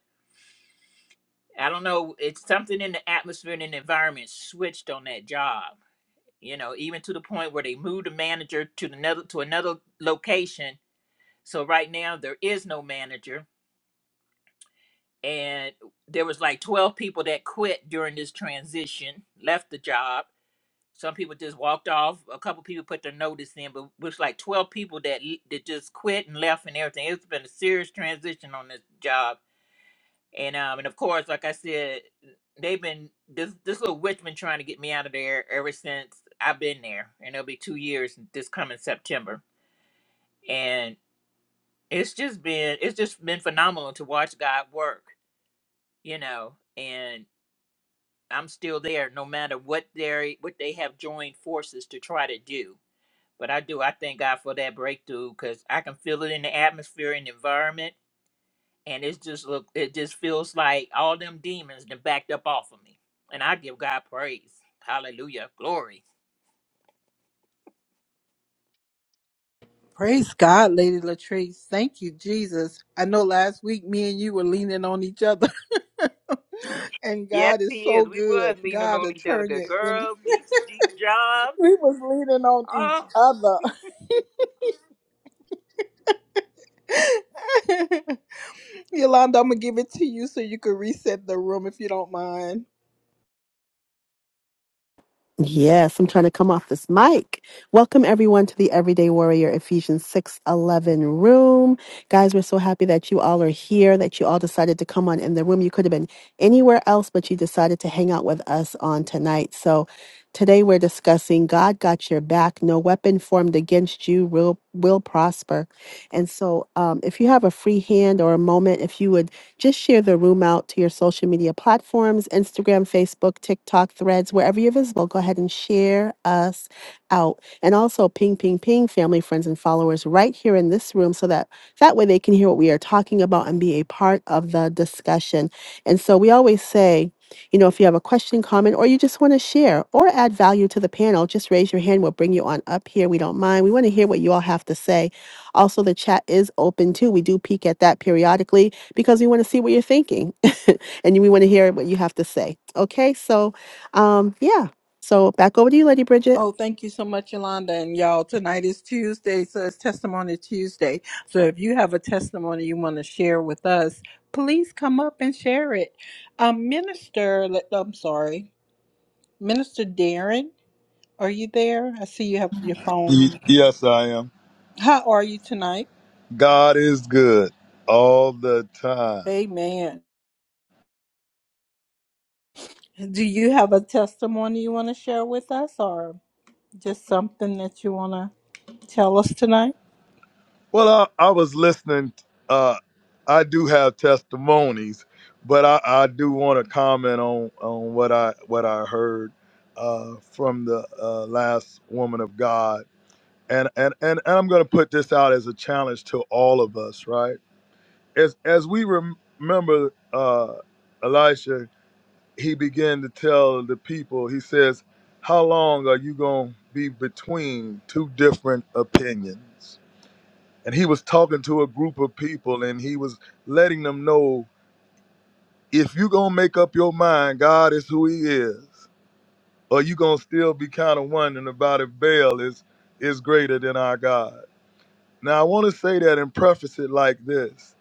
I don't know. It's something in the atmosphere and in the environment switched on that job. You know, even to the point where they moved the manager to another to another location. So right now there is no manager and there was like 12 people that quit during this transition left the job some people just walked off a couple people put their notice in but it was like 12 people that l- that just quit and left and everything it's been a serious transition on this job and um and of course like i said they've been this this little witch been trying to get me out of there ever since i've been there and it'll be two years this coming september and it's just been it's just been phenomenal to watch god work you know, and I'm still there no matter what they what they have joined forces to try to do. But I do I thank God for that breakthrough cuz I can feel it in the atmosphere and environment and it's just look it just feels like all them demons done backed up off of me. And I give God praise. Hallelujah. Glory.
Praise God, Lady Latrice. Thank you, Jesus. I know last week me and you were leaning on each other, and
Yes,
God is
he is.
so
We
good.
was leaning
God
on
will
each other.
turn
Good
you in.
girl, these deep jobs.
We was leaning on each
Oh.
other. Yolanda, I'm going to give it to you so you can reset the room if you don't mind.
Yes, I'm trying to come off this mic. Welcome everyone to the Everyday Warrior Ephesians 6:11 room. Guys, we're so happy that you all are here, that you all decided to come on in the room. You could have been anywhere else, but you decided to hang out with us on tonight. So, today we're discussing God got your back. No weapon formed against you will will prosper. And so, um, if you have a free hand or a moment, if you would just share the room out to your social media platforms Instagram, Facebook, TikTok, threads, wherever you're visible. Go ahead and share us out. And also ping, ping, ping family, friends, and followers right here in this room so that that way they can hear what we are talking about and be a part of the discussion. And so we always say, you know, if you have a question, comment, or you just want to share or add value to the panel, just raise your hand. We'll bring you on up here. We don't mind. We want to hear what you all have to say. Also, the chat is open too. We do peek at that periodically because we want to see what you're thinking and we want to hear what you have to say. Okay, so um, yeah, so back over to you, Lady Bridget.
Oh, thank you so much, Yolanda. And y'all, tonight is Tuesday, so it's Testimony Tuesday. So if you have a testimony you want to share with us, please come up and share it. Um, Minister, let- I'm sorry, Minister Darren, are you there? I see you have your phone.
Y- Yes, I am.
How are you tonight?
God is good all the time.
Amen. Do you have a testimony you want to share with us or just something that you want to tell us tonight?
Well, I, I was listening. Uh, I do have testimonies, but I, I do want to comment on on what I what I heard uh, from the uh, last woman of God, and and and, and I'm going to put this out as a challenge to all of us, right? As as we rem- remember, uh, Elisha he began to tell the people, he says, How long are you going to be between two different opinions? And he was talking to a group of people and he was letting them know if you going to make up your mind, God is who he is, or you going to still be kind of wondering about if Baal is, is greater than our God. Now, I want to say that and preface it like this.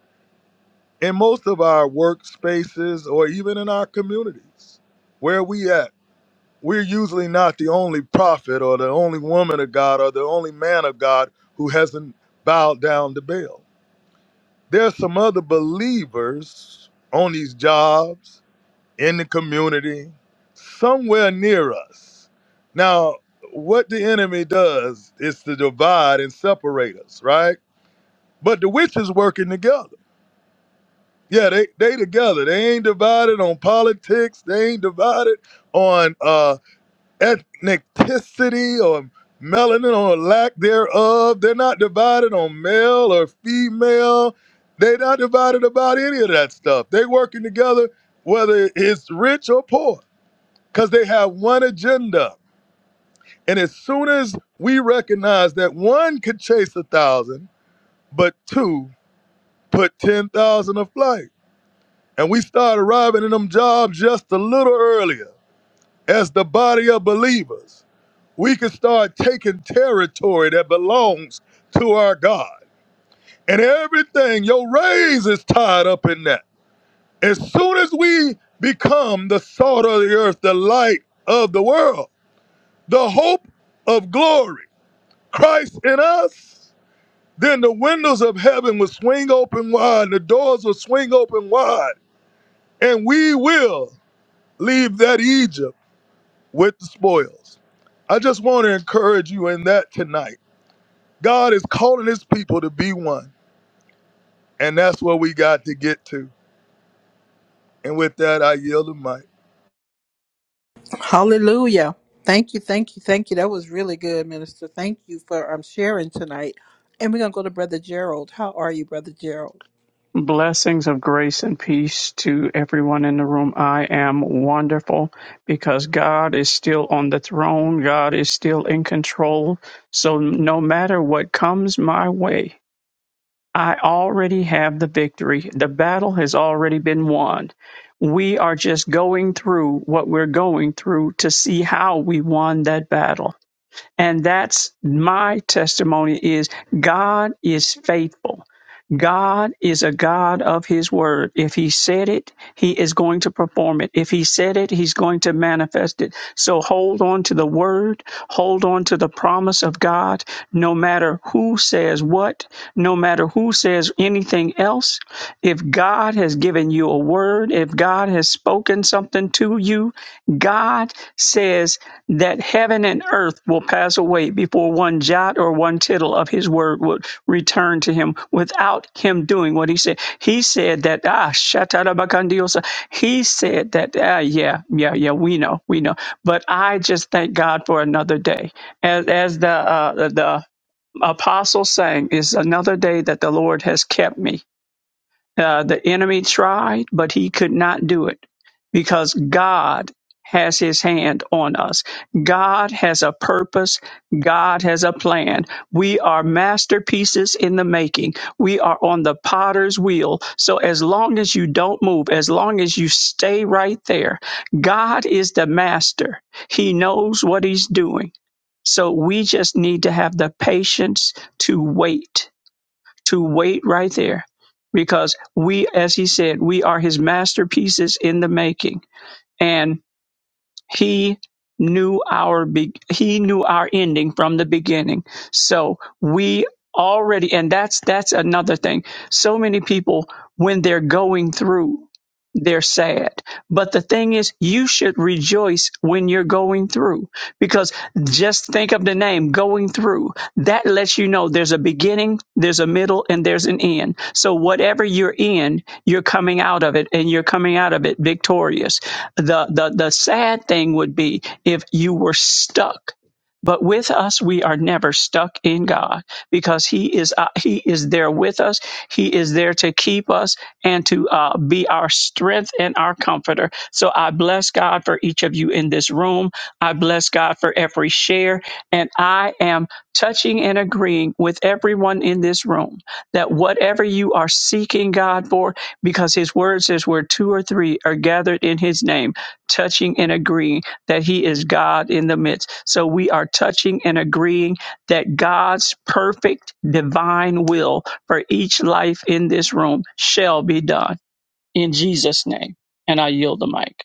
In most of our workspaces or even in our communities, where we at? we're usually not the only prophet or the only woman of God or the only man of God who hasn't bowed down to Baal. There are some other believers on these jobs, in the community, somewhere near us. Now, what the enemy does is to divide and separate us, right? But the witches working together. Yeah, they they together. They ain't divided on politics. They ain't divided on uh. ethnicity or melanin or lack thereof. They're not divided on male or female. They're not divided about any of that stuff. They're working together, whether it's rich or poor, because they have one agenda. And as soon as we recognize that one could chase a thousand, but two put 10,000 a flight, and we start arriving in them jobs just a little earlier as the body of believers. we can start taking territory that belongs to our God. And everything, your raise is tied up in that. As soon as we become the salt of the earth, the light of the world, the hope of glory, Christ in us, then the windows of heaven will swing open wide, the doors will swing open wide, and we will leave that Egypt with the spoils. I just want to encourage you in that tonight God is calling his people to be one. And that's where we got to get to. And with that, I yield the mic.
Hallelujah. Thank you, thank you, thank you. That was really good, Minister. Thank you for um, sharing tonight. And we're going to go to Brother Gerald. How are you, Brother Gerald?
Blessings of grace and peace to everyone in the room. I am wonderful because God is still on the throne. God is still in control. So no matter what comes my way, I already have the victory. The battle has already been won. We are just going through what we're going through to see how we won that battle. And that's my testimony is God is faithful. God is a God of his word. If he said it, he is going to perform it. If he said it, he's going to manifest it. So hold on to the word, hold on to the promise of God, no matter who says what, no matter who says anything else. If God has given you a word, if God has spoken something to you, God says that heaven and earth will pass away before one jot or one tittle of his word would return to him without him doing what he said. He said that, ah, shatarabakandiosa. He said that, ah, yeah, yeah, yeah, we know, we know. But I just thank God for another day. As, as the, uh, the, apostle saying is another day that the lord has kept me uh, the enemy tried, but he could not do it because God has his hand on us. God has a purpose. God has a plan. We are masterpieces in the making. We are on the potter's wheel. So as long as you don't move, as long as you stay right there, God is the master. He knows what he's doing. So we just need to have the patience to wait to wait right there because we, as he said, we are his masterpieces in the making. And he knew our be- he knew our ending from the beginning. So we already and that's that's another thing. So many people when they're going through they're sad. But the thing is you should rejoice when you're going through because just think of the name going through that lets you know there's a beginning, there's a middle, and there's an end. So whatever you're in, you're coming out of it, and you're coming out of it victorious. The the the sad thing would be if you were stuck. But with us, we are never stuck in God because He is uh, He is there with us. He is there to keep us and to uh, be our strength and our comforter. So I bless God for each of you in this room. I bless God for every share, and I am touching and agreeing with everyone in this room that whatever you are seeking God for, because His word says where two or three are gathered in His name, touching and agreeing that He is God in the midst. So we are touching and agreeing that God's perfect divine will for each life in this room shall be done in Jesus' name. And I yield the mic.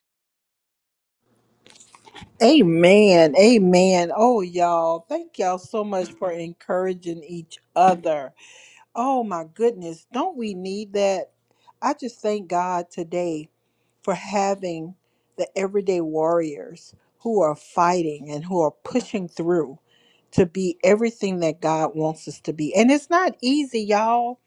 Amen. Amen. Oh, y'all. Thank y'all so much for encouraging each other. Oh my goodness, don't we need that? I just thank God today for having the everyday warriors who are fighting and who are pushing through to be everything that God wants us to be. And it's not easy, y'all,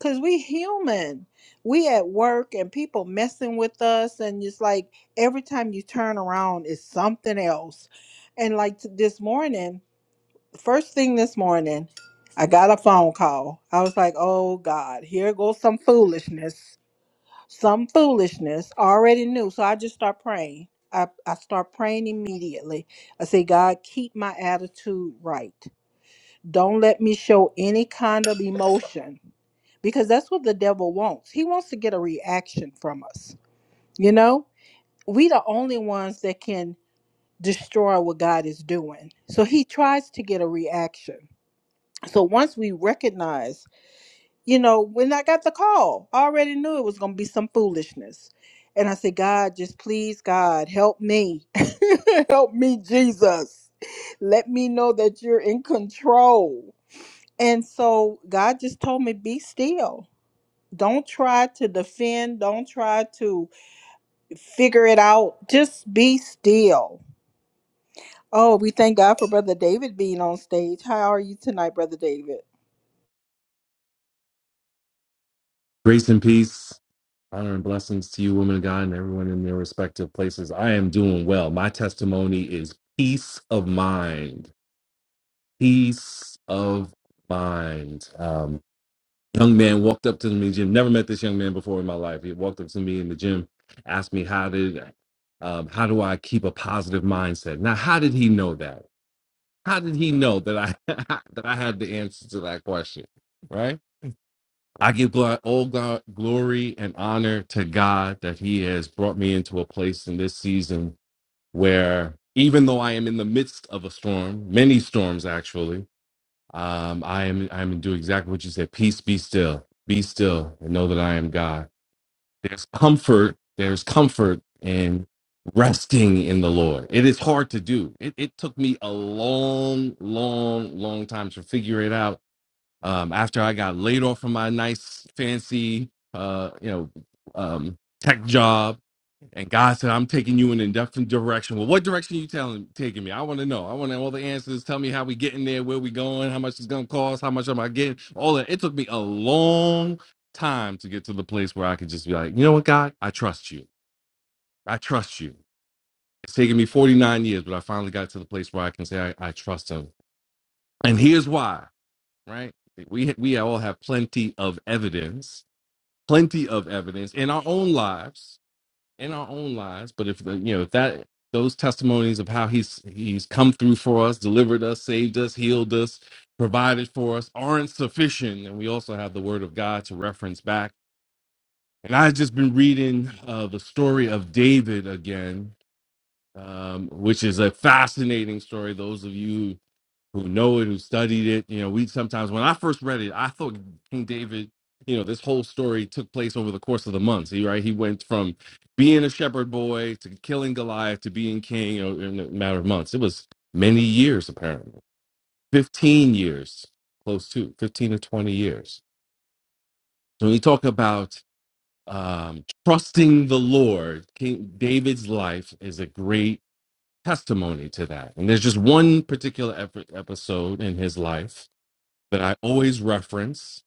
cuz we human. We at work and people messing with us and it's like every time you turn around it's something else. And like t- this morning first thing this morning, I got a phone call. I was like, oh God, here goes some foolishness. Some foolishness. I already knew. So I just start praying. I, I start praying immediately. I say, God, keep my attitude right. Don't let me show any kind of emotion because that's what the devil wants. He wants to get a reaction from us. You know, we the only ones that can destroy what God is doing. So he tries to get a reaction so once we recognize, you know, when I got the call, I already knew it was going to be some foolishness. And I said, God, just please, God, help me. help me, Jesus. Let me know that you're in control. And so God just told me, be still. Don't try to defend. Don't try to figure it out. Just be still Oh, we thank God for Brother David being on stage. How are you tonight, Brother David?
Grace and peace, honor and blessings to you, women of God, and everyone in their respective places. I am doing well. My testimony is peace of mind. Peace of mind. Um, young man walked up to me in the gym. Never met this young man before in my life. He walked up to me in the gym, asked me how did, um, how do I keep a positive mindset? Now, how did he know that? How did he know that I that I had the answer to that question? Right. I give gl- all gl- glory and honor to God that He has brought me into a place in this season where, even though I am in the midst of a storm, many storms actually, um, I am I am doing exactly what you said. Peace, be still, be still, and know that I am God. There's comfort. There's comfort in resting in the Lord. It is hard to do. It, it took me a long, long, long time to figure it out um, after I got laid off from my nice, fancy, uh, you know, um, tech job, and God said, "I'm taking you in a different direction." Well, what direction you telling taking me? I want to know. I want all the answers. Tell me how we getting there, where we going, how much it's gonna cost, how much am I getting? All that. It took me a long time to get to the place where I could just be like, you know what, God, I trust you. I trust you. It's taken me 49 years, but I finally got to the place where I can say I, I trust Him. And here's why right? We we all have plenty of evidence, plenty of evidence in our own lives, in our own lives. But if the, you know if that those testimonies of how he's he's come through for us, delivered us, saved us, healed us, provided for us aren't sufficient, and we also have the Word of God to reference back. And I've just been reading uh, the story of David again, um, which is a fascinating story. Those of you who know it, who studied it. You know, we sometimes when I first read it, I thought King David, you know, this whole story took place over the course of the months. He right, he went from being a shepherd boy to killing Goliath to being king, you know, in a matter of months. It was many years apparently. 15 years, close to 15 to 20 years. So when you talk about um, trusting the Lord, King David's life is a great testimony to that. And there's just one particular ep- episode in his life that I always reference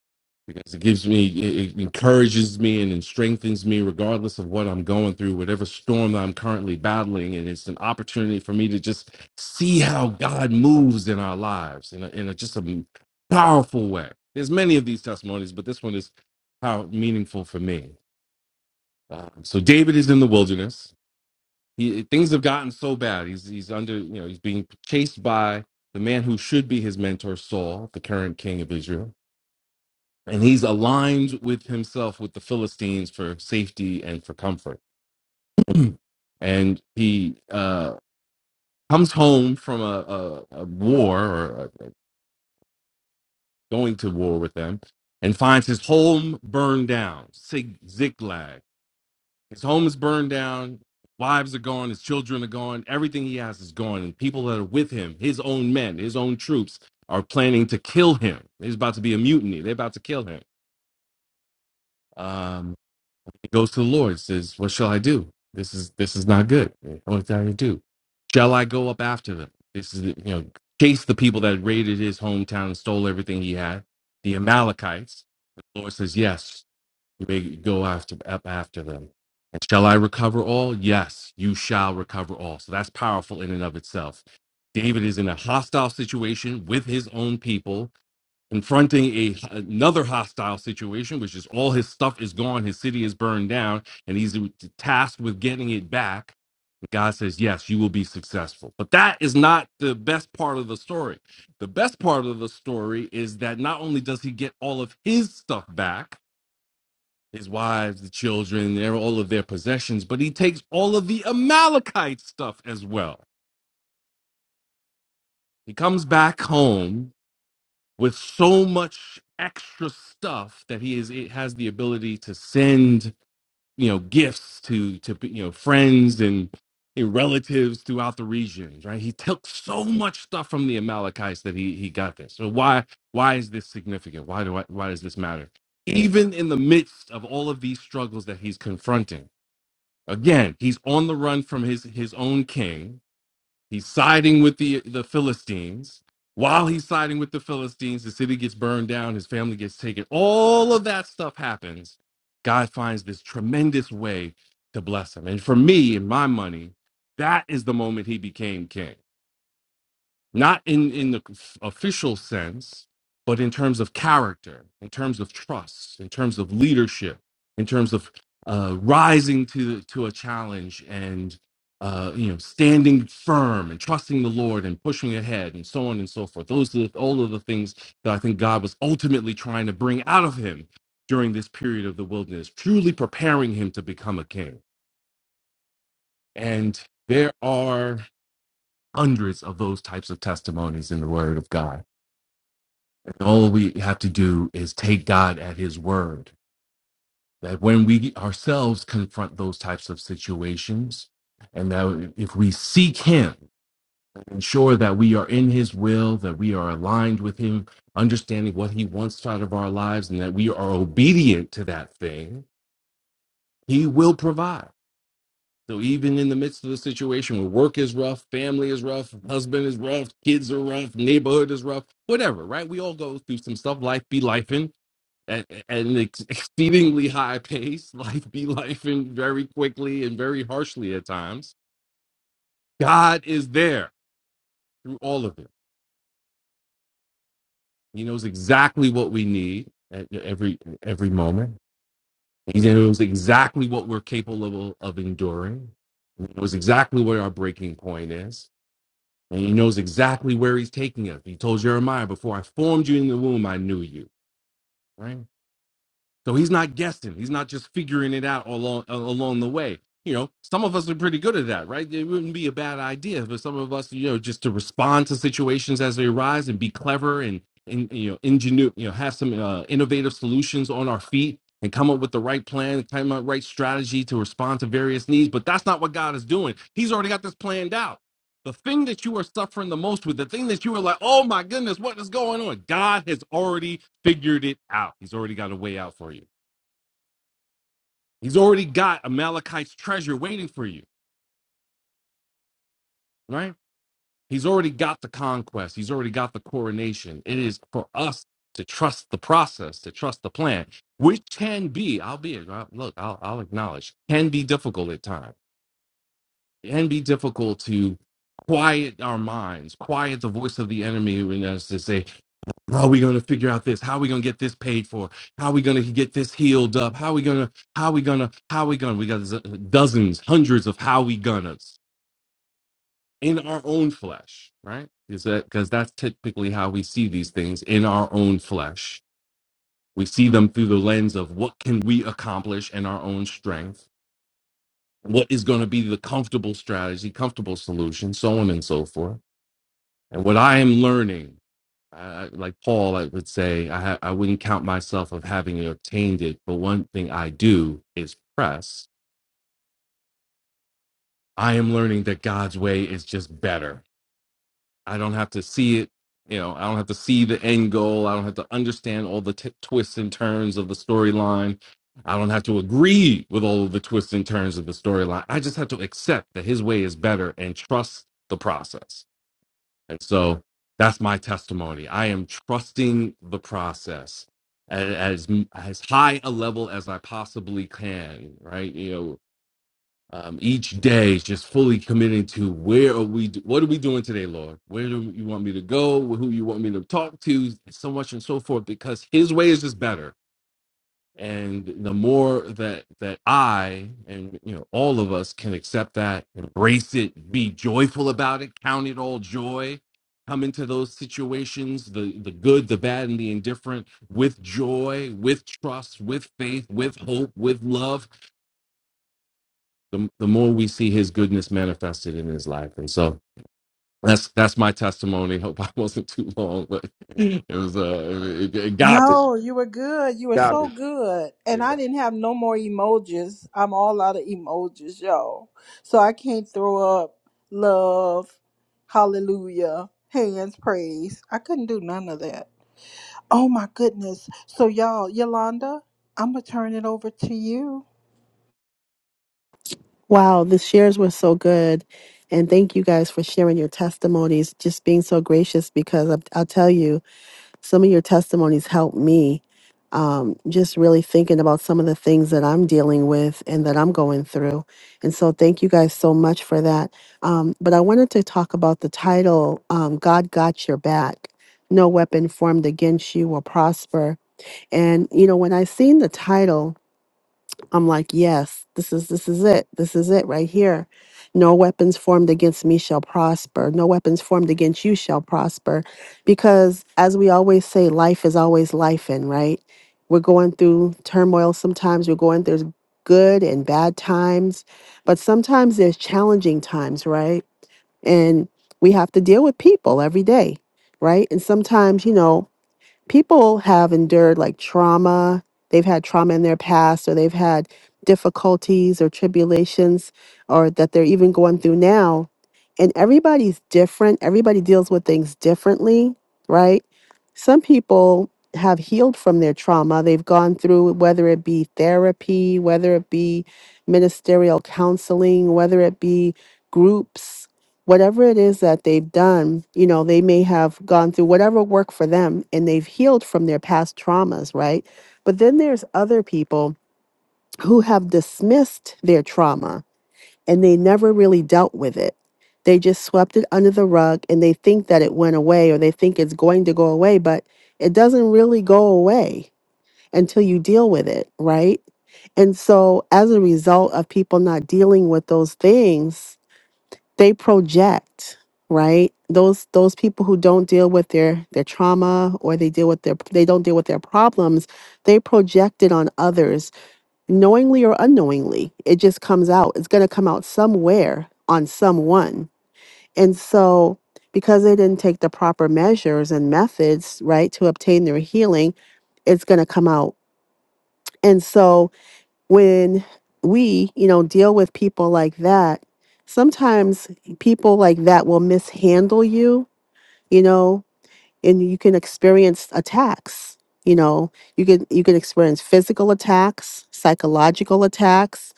because it gives me, it it encourages me and it strengthens me regardless of what I'm going through, whatever storm that I'm currently battling. And it's an opportunity for me to just see how God moves in our lives in, a, in a, just a powerful way. There's many of these testimonies, but this one is how meaningful for me. Um, so David is in the wilderness. He, things have gotten so bad. He's, he's under, you know, he's being chased by the man who should be his mentor, Saul, the current king of Israel and he's aligned with himself with the Philistines for safety and for comfort. And he uh, comes home from a, a, a war or uh going to war with them and finds his home burned down, Sig- Ziklag. His home is burned down, wives are gone, his children are gone, everything he has is gone. And people that are with him, his own men, his own troops, are planning to kill him. There's about to be a mutiny, they're about to kill him. Um, goes to the Lord says, What shall I do? This is this is not good. What shall I do? Shall I go up after them? This is you know, chase the people that raided his hometown and stole everything he had, the Amalekites. The Lord says, Yes, you may go after up after them. And shall I recover all? Yes, you shall recover all. So that's powerful in and of itself. David is in a hostile situation with his own people confronting a another hostile situation, which is all his stuff is gone, his city is burned down, and he's tasked with getting it back. God says, "Yes, you will be successful." But that is not the best part of the story. The best part of the story is that not only does he get all of his stuff back, his wives, the children, their- all of their possessions, but he takes all of the Amalekite stuff as well. He comes back home with so much extra stuff that he is it has the ability to send you know gifts to to you know friends and and relatives throughout the regions right he took so much stuff from the amalekites that he he got this so why why is this significant why do I, why does this matter even in the midst of all of these struggles that he's confronting again he's on the run from his his own king He's siding with the the Philistines. While he's siding with the Philistines, the city gets burned down, his family gets taken. All of that stuff happens. God finds this tremendous way to bless him. And for me, in my money, that is the moment he became king not in in the official sense but in terms of character in terms of trust in terms of leadership in terms of uh, rising to to a challenge and uh, you know standing firm and trusting the lord and pushing ahead and so on and so forth those are the, all of the things that i think god was ultimately trying to bring out of him during this period of the wilderness truly preparing him to become a king and there are hundreds of those types of testimonies in the word of god all we have to do is take God at his word. That when we ourselves confront those types of situations, and that if we seek him, ensure that we are in his will, that we are aligned with him, understanding what he wants out of our lives, and that we are obedient to that thing, he will provide. So even in the midst of the situation where work is rough, family is rough, husband is rough, kids are rough, neighborhood is rough, whatever, right? We all go through some stuff. Life be life in. at, at an ex- exceedingly high pace, life be life and very quickly and very harshly at times. God is there through all of it. He knows exactly what we need at every every moment. He knows exactly what we're capable of enduring. He knows exactly where our breaking point is. And he knows exactly where he's taking us. He told Jeremiah, before I formed you in the womb, I knew you. Right? So he's not guessing. He's not just figuring it out along along the way. You know, some of us are pretty good at that, right? It wouldn't be a bad idea for some of us, you know, just to respond to situations as they arise and be clever and and you know, ingenu, you know, have some uh, innovative solutions on our feet and come up with the right plan, come up with the right strategy to respond to various needs. But that's not what God is doing. He's already got this planned out. The thing that you are suffering the most with, the thing that you are like, oh my goodness, what is going on? God has already figured it out. He's already got a way out for you. He's already got Amalekite's treasure waiting for you, right? He's already got the conquest. He's already got the coronation. It is for us to trust the process, to trust the plan, which can be, I'll be, look, I'll, I'll acknowledge, can be difficult at times. It can be difficult to quiet our minds, quiet the voice of the enemy in us to say, How are we going to figure out this? How are we going to get this paid for? How are we going to get this healed up? How are we going to, how are we going to, how are we going to? We got z- dozens, hundreds of how we gonnas in our own flesh, right? Is that because that's typically how we see these things in our own flesh? We see them through the lens of what can we accomplish in our own strength? What is going to be the comfortable strategy, comfortable solution, so on and so forth And what I am learning, uh, like Paul, I would say, I, ha- I wouldn't count myself of having obtained it, but one thing I do is press. I am learning that God's way is just better. I don't have to see it. You know, I don't have to see the end goal. I don't have to understand all the t- twists and turns of the storyline. I don't have to agree with all of the twists and turns of the storyline. I just have to accept that his way is better and trust the process And so that's my testimony. I am trusting the process a- as as high a level as I possibly can. Right, you know. Um, each day, is just fully committing to where are we? What are we doing today, Lord? Where do you want me to go? Who you want me to talk to? So much and so forth, because His way is just better and the more that that i and you know all of us can accept that embrace it be joyful about it count it all joy come into those situations the the good the bad and the indifferent with joy with trust with faith with hope with love the, the more we see his goodness manifested in his life and so that's that's my testimony hope i wasn't too long but it was uh it, it got me
No, you were good. You were
got
so good. And
me
I didn't have no more emojis. I'm all out of emojis, y'all. So I can't throw up love, hallelujah, hands, praise. I couldn't do none of that. Oh my goodness. So y'all, Yolanda, I'm gonna turn it over to you.
Wow, the shares were so good. And thank you guys for sharing your testimonies, just being so gracious because i I'll tell you. some of your testimonies helped me um, just really thinking about some of the things that I'm dealing with and that I'm going through. And so, thank you guys so much for that. Um, but I wanted to talk about the title um, God Got Your Back. No weapon formed against you will prosper. And, you know, when I seen the title, I'm like, yes, this is this is it. This is it right here. No weapons formed against me shall prosper. No weapons formed against you shall prosper. Because as we always say, life is always life in, right? We're going through turmoil sometimes. We're going through good and bad times, but sometimes there's challenging times, right? And we have to deal with people every day, right? And sometimes, you know, people have endured like trauma. They've had trauma in their past, or they've had difficulties or tribulations, or that they're even going through now. And everybody's different. Everybody deals with things differently, right? Some people have healed from their trauma. They've gone through, whether it be therapy, whether it be ministerial counseling, whether it be groups whatever it is that they've done, you know, they may have gone through whatever worked for them and they've healed from their past traumas, right? But then there's other people who have dismissed their trauma and they never really dealt with it. They just swept it under the rug and they think that it went away or they think it's going to go away, but it doesn't really go away until you deal with it, right? And so as a result of people not dealing with those things, they project right those those people who don't deal with their their trauma or they deal with their they don't deal with their problems they project it on others knowingly or unknowingly it just comes out it's going to come out somewhere on someone and so because they didn't take the proper measures and methods right to obtain their healing it's going to come out. And so when we, you know, deal with people like that, sometimes people like that will mishandle you, you know, and you can experience attacks. You know, you can you can experience physical attacks, psychological attacks.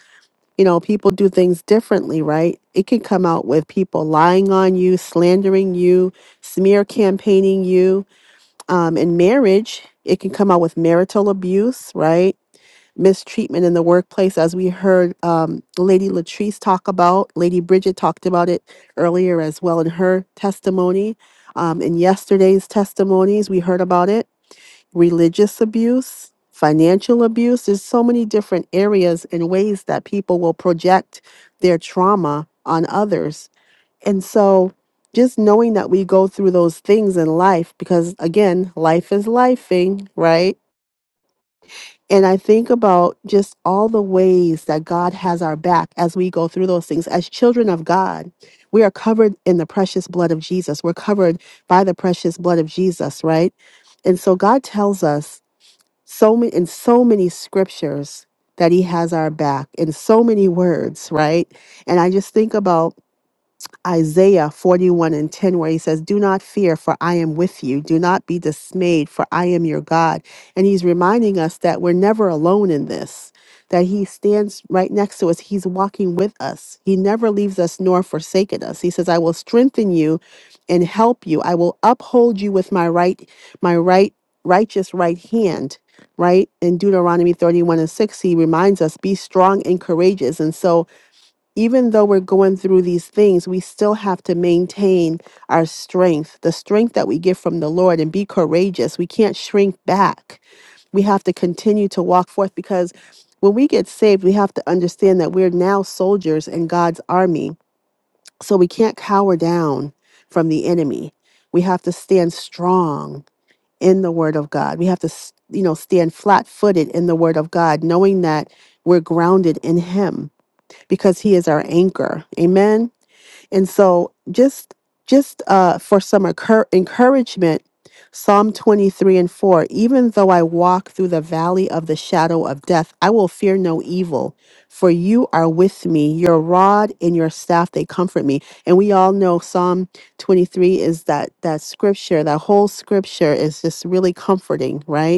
You know, people do things differently, right? It can come out with people lying on you, slandering you, smear campaigning you. Um, in marriage, it can come out with marital abuse, right? mistreatment in the workplace, as we heard um, Lady Latrice talk about. Lady Bridget talked about it earlier as well in her testimony. Um, in yesterday's testimonies, we heard about it religious abuse, financial abuse. There's so many different areas and ways that people will project their trauma on others. And so, just knowing that we go through those things in life, because again, life is lifing, right? And I think about just all the ways that God has our back as we go through those things. As children of God, we are covered in the precious blood of Jesus. We're covered by the precious blood of Jesus, right? And so God tells us so many in so many scriptures that he has our back in so many words, right? And I just think about Isaiah 41 and 10, where he says, Do not fear, for I am with you. Do not be dismayed, for I am your God. And he's reminding us that we're never alone in this, that he stands right next to us. He's walking with us. He never leaves us nor forsaken us. He says, I will strengthen you and help you. I will uphold you with my right, my right, righteous right hand. Right in Deuteronomy 31 and 6, he reminds us, Be strong and courageous. And so even though we're going through these things, we still have to maintain our strength, the strength that we get from the Lord, and be courageous. We can't shrink back. We have to continue to walk forth because when we get saved, we have to understand that we're now soldiers in God's army. So we can't cower down from the enemy. We have to stand strong in the word of God. We have to, s- you know, stand flat footed in the word of God, knowing that we're grounded in Him because he is our anchor amen and so just just uh for some occur- encouragement psalm 23 and 4 even though i walk through the valley of the shadow of death i will fear no evil for you are with me your rod and your staff they comfort me and we all know psalm 23 is that that scripture that whole scripture is just really comforting right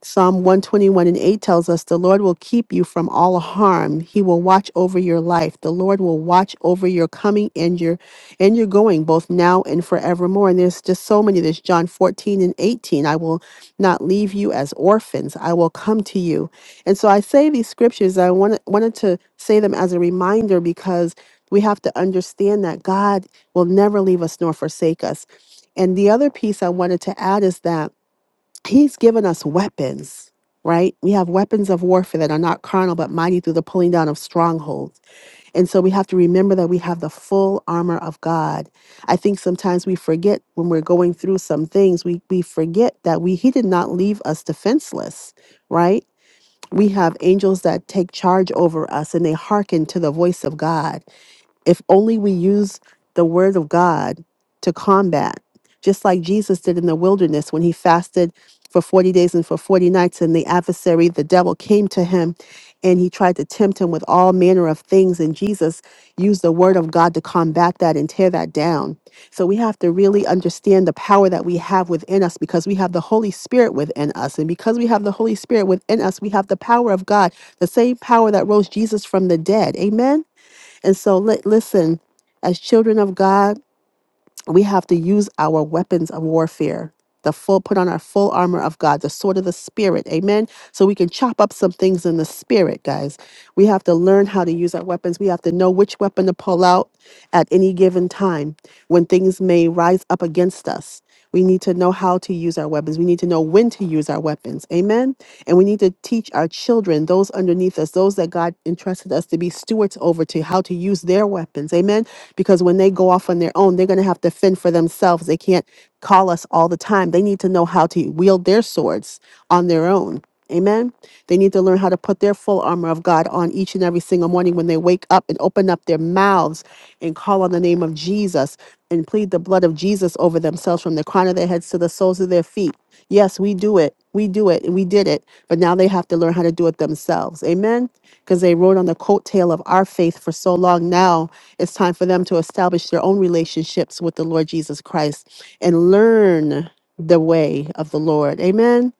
Psalm 121 and 8 tells us the Lord will keep you from all harm. He will watch over your life. The Lord will watch over your coming and your and your going both now and forevermore. And there's just so many. There's John 14 and 18. I will not leave you as orphans. I will come to you. And so I say these scriptures. I wanted wanted to say them as a reminder because we have to understand that God will never leave us nor forsake us. And the other piece I wanted to add is that He's given us weapons, right? We have weapons of warfare that are not carnal, but mighty through the pulling down of strongholds. And so we have to remember that we have the full armor of God. I think sometimes we forget when we're going through some things, we, we forget that we he did not leave us defenseless, right? We have angels that take charge over us and they hearken to the voice of God. If only we use the word of God to combat, just like Jesus did in the wilderness when he fasted for 40 days and for 40 nights, and the adversary, the devil, came to him and he tried to tempt him with all manner of things. And Jesus used the word of God to combat that and tear that down. So we have to really understand the power that we have within us because we have the Holy Spirit within us. And because we have the Holy Spirit within us, we have the power of God, the same power that rose Jesus from the dead. Amen. And so, li- listen, as children of God, we have to use our weapons of warfare the full put on our full armor of god the sword of the spirit amen so we can chop up some things in the spirit guys we have to learn how to use our weapons we have to know which weapon to pull out at any given time when things may rise up against us we need to know how to use our weapons we need to know when to use our weapons amen and we need to teach our children those underneath us those that god entrusted us to be stewards over to how to use their weapons amen because when they go off on their own, they're going to have to fend for themselves. They can't call us all the time. They need to know how to wield their swords on their own. Amen. They need to learn how to put their full armor of God on each and every single morning when they wake up and open up their mouths and call on the name of Jesus and plead the blood of Jesus over themselves from the crown of their heads to the soles of their feet. Yes, we do it. We do it and we did it. But now they have to learn how to do it themselves. Amen. Because they rode on the coattail of our faith for so long now it's time for them to establish their own relationships with the Lord Jesus Christ and learn the way of the Lord. Amen.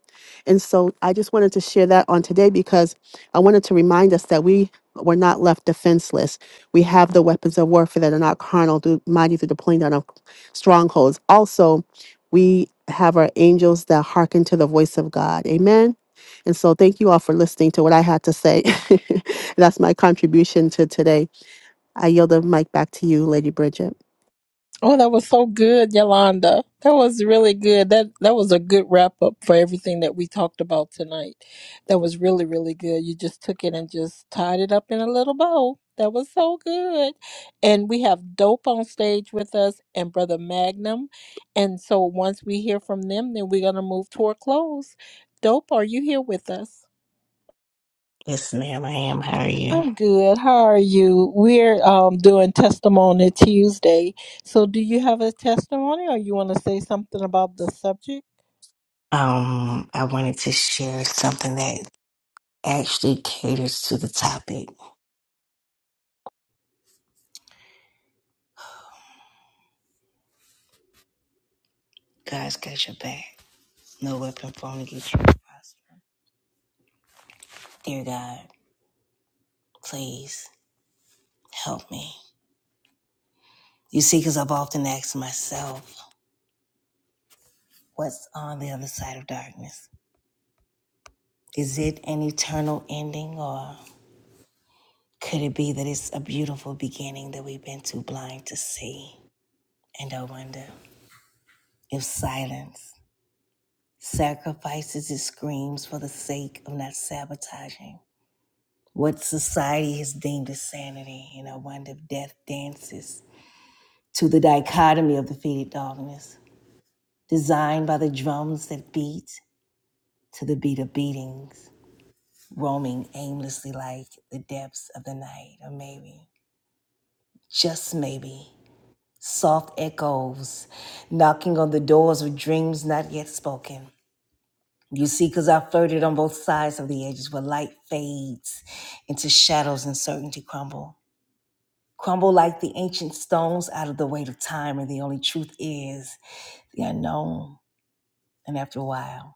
And so I just wanted to share that on today because I wanted to remind us that we were not left defenseless. We have the weapons of warfare that are not carnal, through, mighty through the pulling down of strongholds. Also, we have our angels that hearken to the voice of God. Amen. And so thank you all for listening to what I had to say. That's my contribution to today. I yield the mic back to you, Lady Bridget.
Oh, that was so good, Yolanda. That was really good. That that was a good wrap up for everything that we talked about tonight. That was really, really good. You just took it and just tied it up in a little bow. That was so good. And we have Dope on stage with us and Brother Magnum. And so once we hear from them, then we're gonna move toward close. Dope, are you here with us?
Yes, ma'am, I am. How are you?
I'm good. How are you? We're um, doing Testimony Tuesday. So, do you have a testimony or you want to say something about the subject?
Um, I wanted to share something that actually caters to the topic. God's got your back. No weapon formed against you. will prosper. Dear God, please help me. You see, because I've often asked myself, what's on the other side of darkness? Is it an eternal ending, or could it be that it's a beautiful beginning that we've been too blind to see? And I wonder if silence sacrifices his screams for the sake of not sabotaging what society has deemed as sanity. And I wonder if death dances to the dichotomy of the faded darkness, designed by the drums that beat to the beat of beatings, roaming aimlessly like the depths of the night, or maybe, just maybe, soft echoes knocking on the doors of dreams not yet spoken You see, because I flirted on both sides of the edges where light fades into shadows and certainty crumble. Crumble like the ancient stones out of the weight of time, and the only truth is the unknown. And after a while,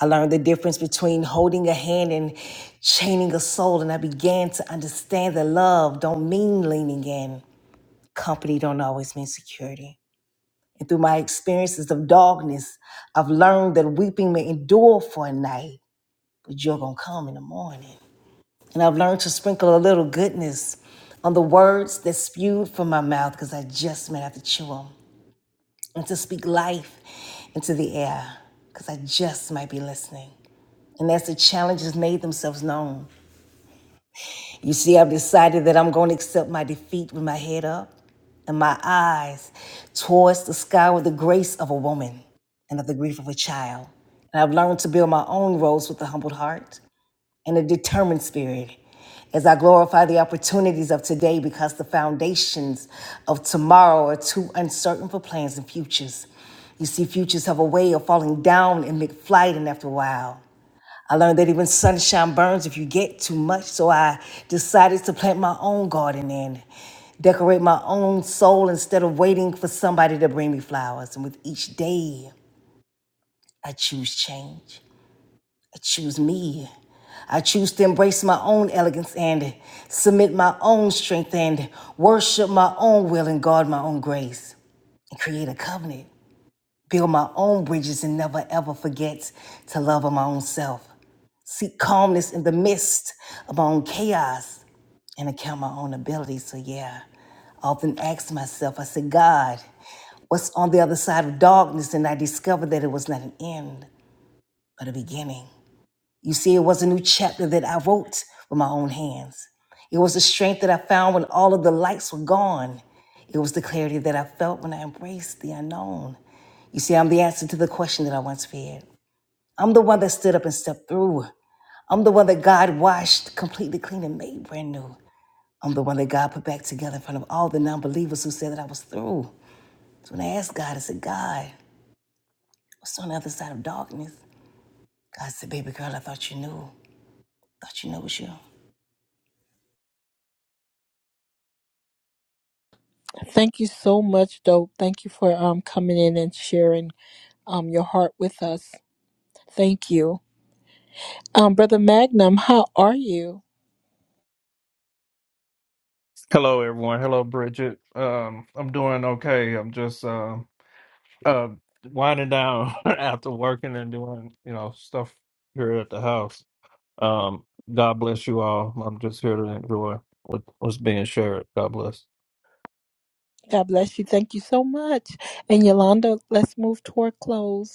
I learned the difference between holding a hand and chaining a soul, and I began to understand that love don't mean leaning in. Company don't always mean security. And through my experiences of darkness, I've learned that weeping may endure for a night but you're going to come in the morning. And I've learned to sprinkle a little goodness on the words that spewed from my mouth because I just might have to chew them and to speak life into the air because I just might be listening. And as the challenges made themselves known, you see, I've decided that I'm going to accept my defeat with my head up and my eyes towards the sky with the grace of a woman and of the grief of a child. And I've learned to build my own roads with a humbled heart and a determined spirit as I glorify the opportunities of today because the foundations of tomorrow are too uncertain for plans and futures. You see, futures have a way of falling down in mid-flight and after a while. I learned that even sunshine burns if you get too much, so I decided to plant my own garden and decorate my own soul instead of waiting for somebody to bring me flowers. And with each day, I choose change. I choose me. I choose to embrace my own elegance and submit my own strength and worship my own will and guard my own grace and create a covenant. Build my own bridges and never ever forget to love of my own self. Seek calmness in the midst of my own chaos and account my own abilities. So, yeah, I often ask myself, I said, God, what's on the other side of darkness? And I discovered that it was not an end, but a beginning. You see, it was a new chapter that I wrote with my own hands. It was the strength that I found when all of the lights were gone. It was the clarity that I felt when I embraced the unknown. You see, I'm the answer to the question that I once feared. I'm the one that stood up and stepped through. I'm the one that God washed completely clean and made brand new. I'm the one that God put back together in front of all the non believers who said that I was through. So when I asked God, I said, God, what's on the other side of darkness? God said, Baby girl, I thought you knew. I Thought you knew it was you.
Hello, everyone. Hello, Bridget. Um, I'm doing okay. I'm just uh, uh, winding down after working and doing, you know, stuff here at the house. Um, God bless you all. I'm just here to enjoy what, what's being shared. God bless.
God bless you. Thank you so much. And Yolanda, let's move toward close.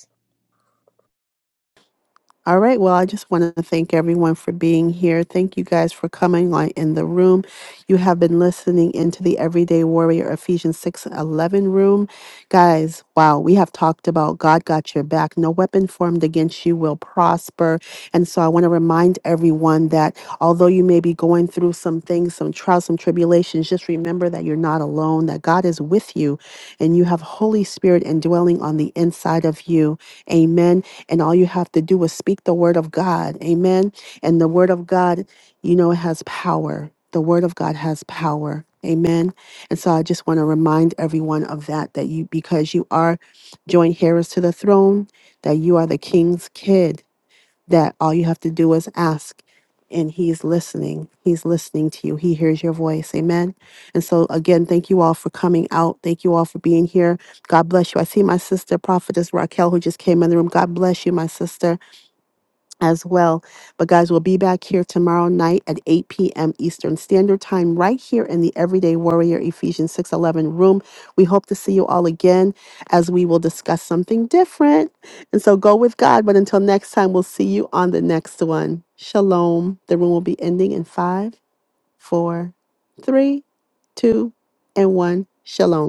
All right. Well, I just want to thank everyone for being here. Thank you guys for coming on in the room. You have been listening into the Everyday Warrior Ephesians 6 11 room. Guys, wow, we have talked about God got your back. No weapon formed against you will prosper. And so I want to remind everyone that although you may be going through some things, some trials, some tribulations, just remember that you're not alone, that God is with you, and you have Holy Spirit indwelling on the inside of you. Amen. And all you have to do is speak the word of God. Amen. And the word of God, you know, it has power. The word of God has power. Amen. And so I just want to remind everyone of that, that you, because you are joint heirs to the throne, that you are the king's kid that all you have to do is ask and he's listening he's listening to you he hears your voice amen and so again thank you all for coming out thank you all for being here god bless you i see my sister prophetess raquel who just came in the room god bless you my sister as well. But guys, we'll be back here tomorrow night at 8 p.m. Eastern Standard Time, right here in the Everyday Warrior Ephesians 611 room. We hope to see you all again as we will discuss something different. And so go with God. But until next time, we'll see you on the next one. Shalom. The room will be ending in five, four, three, two, and one. Shalom.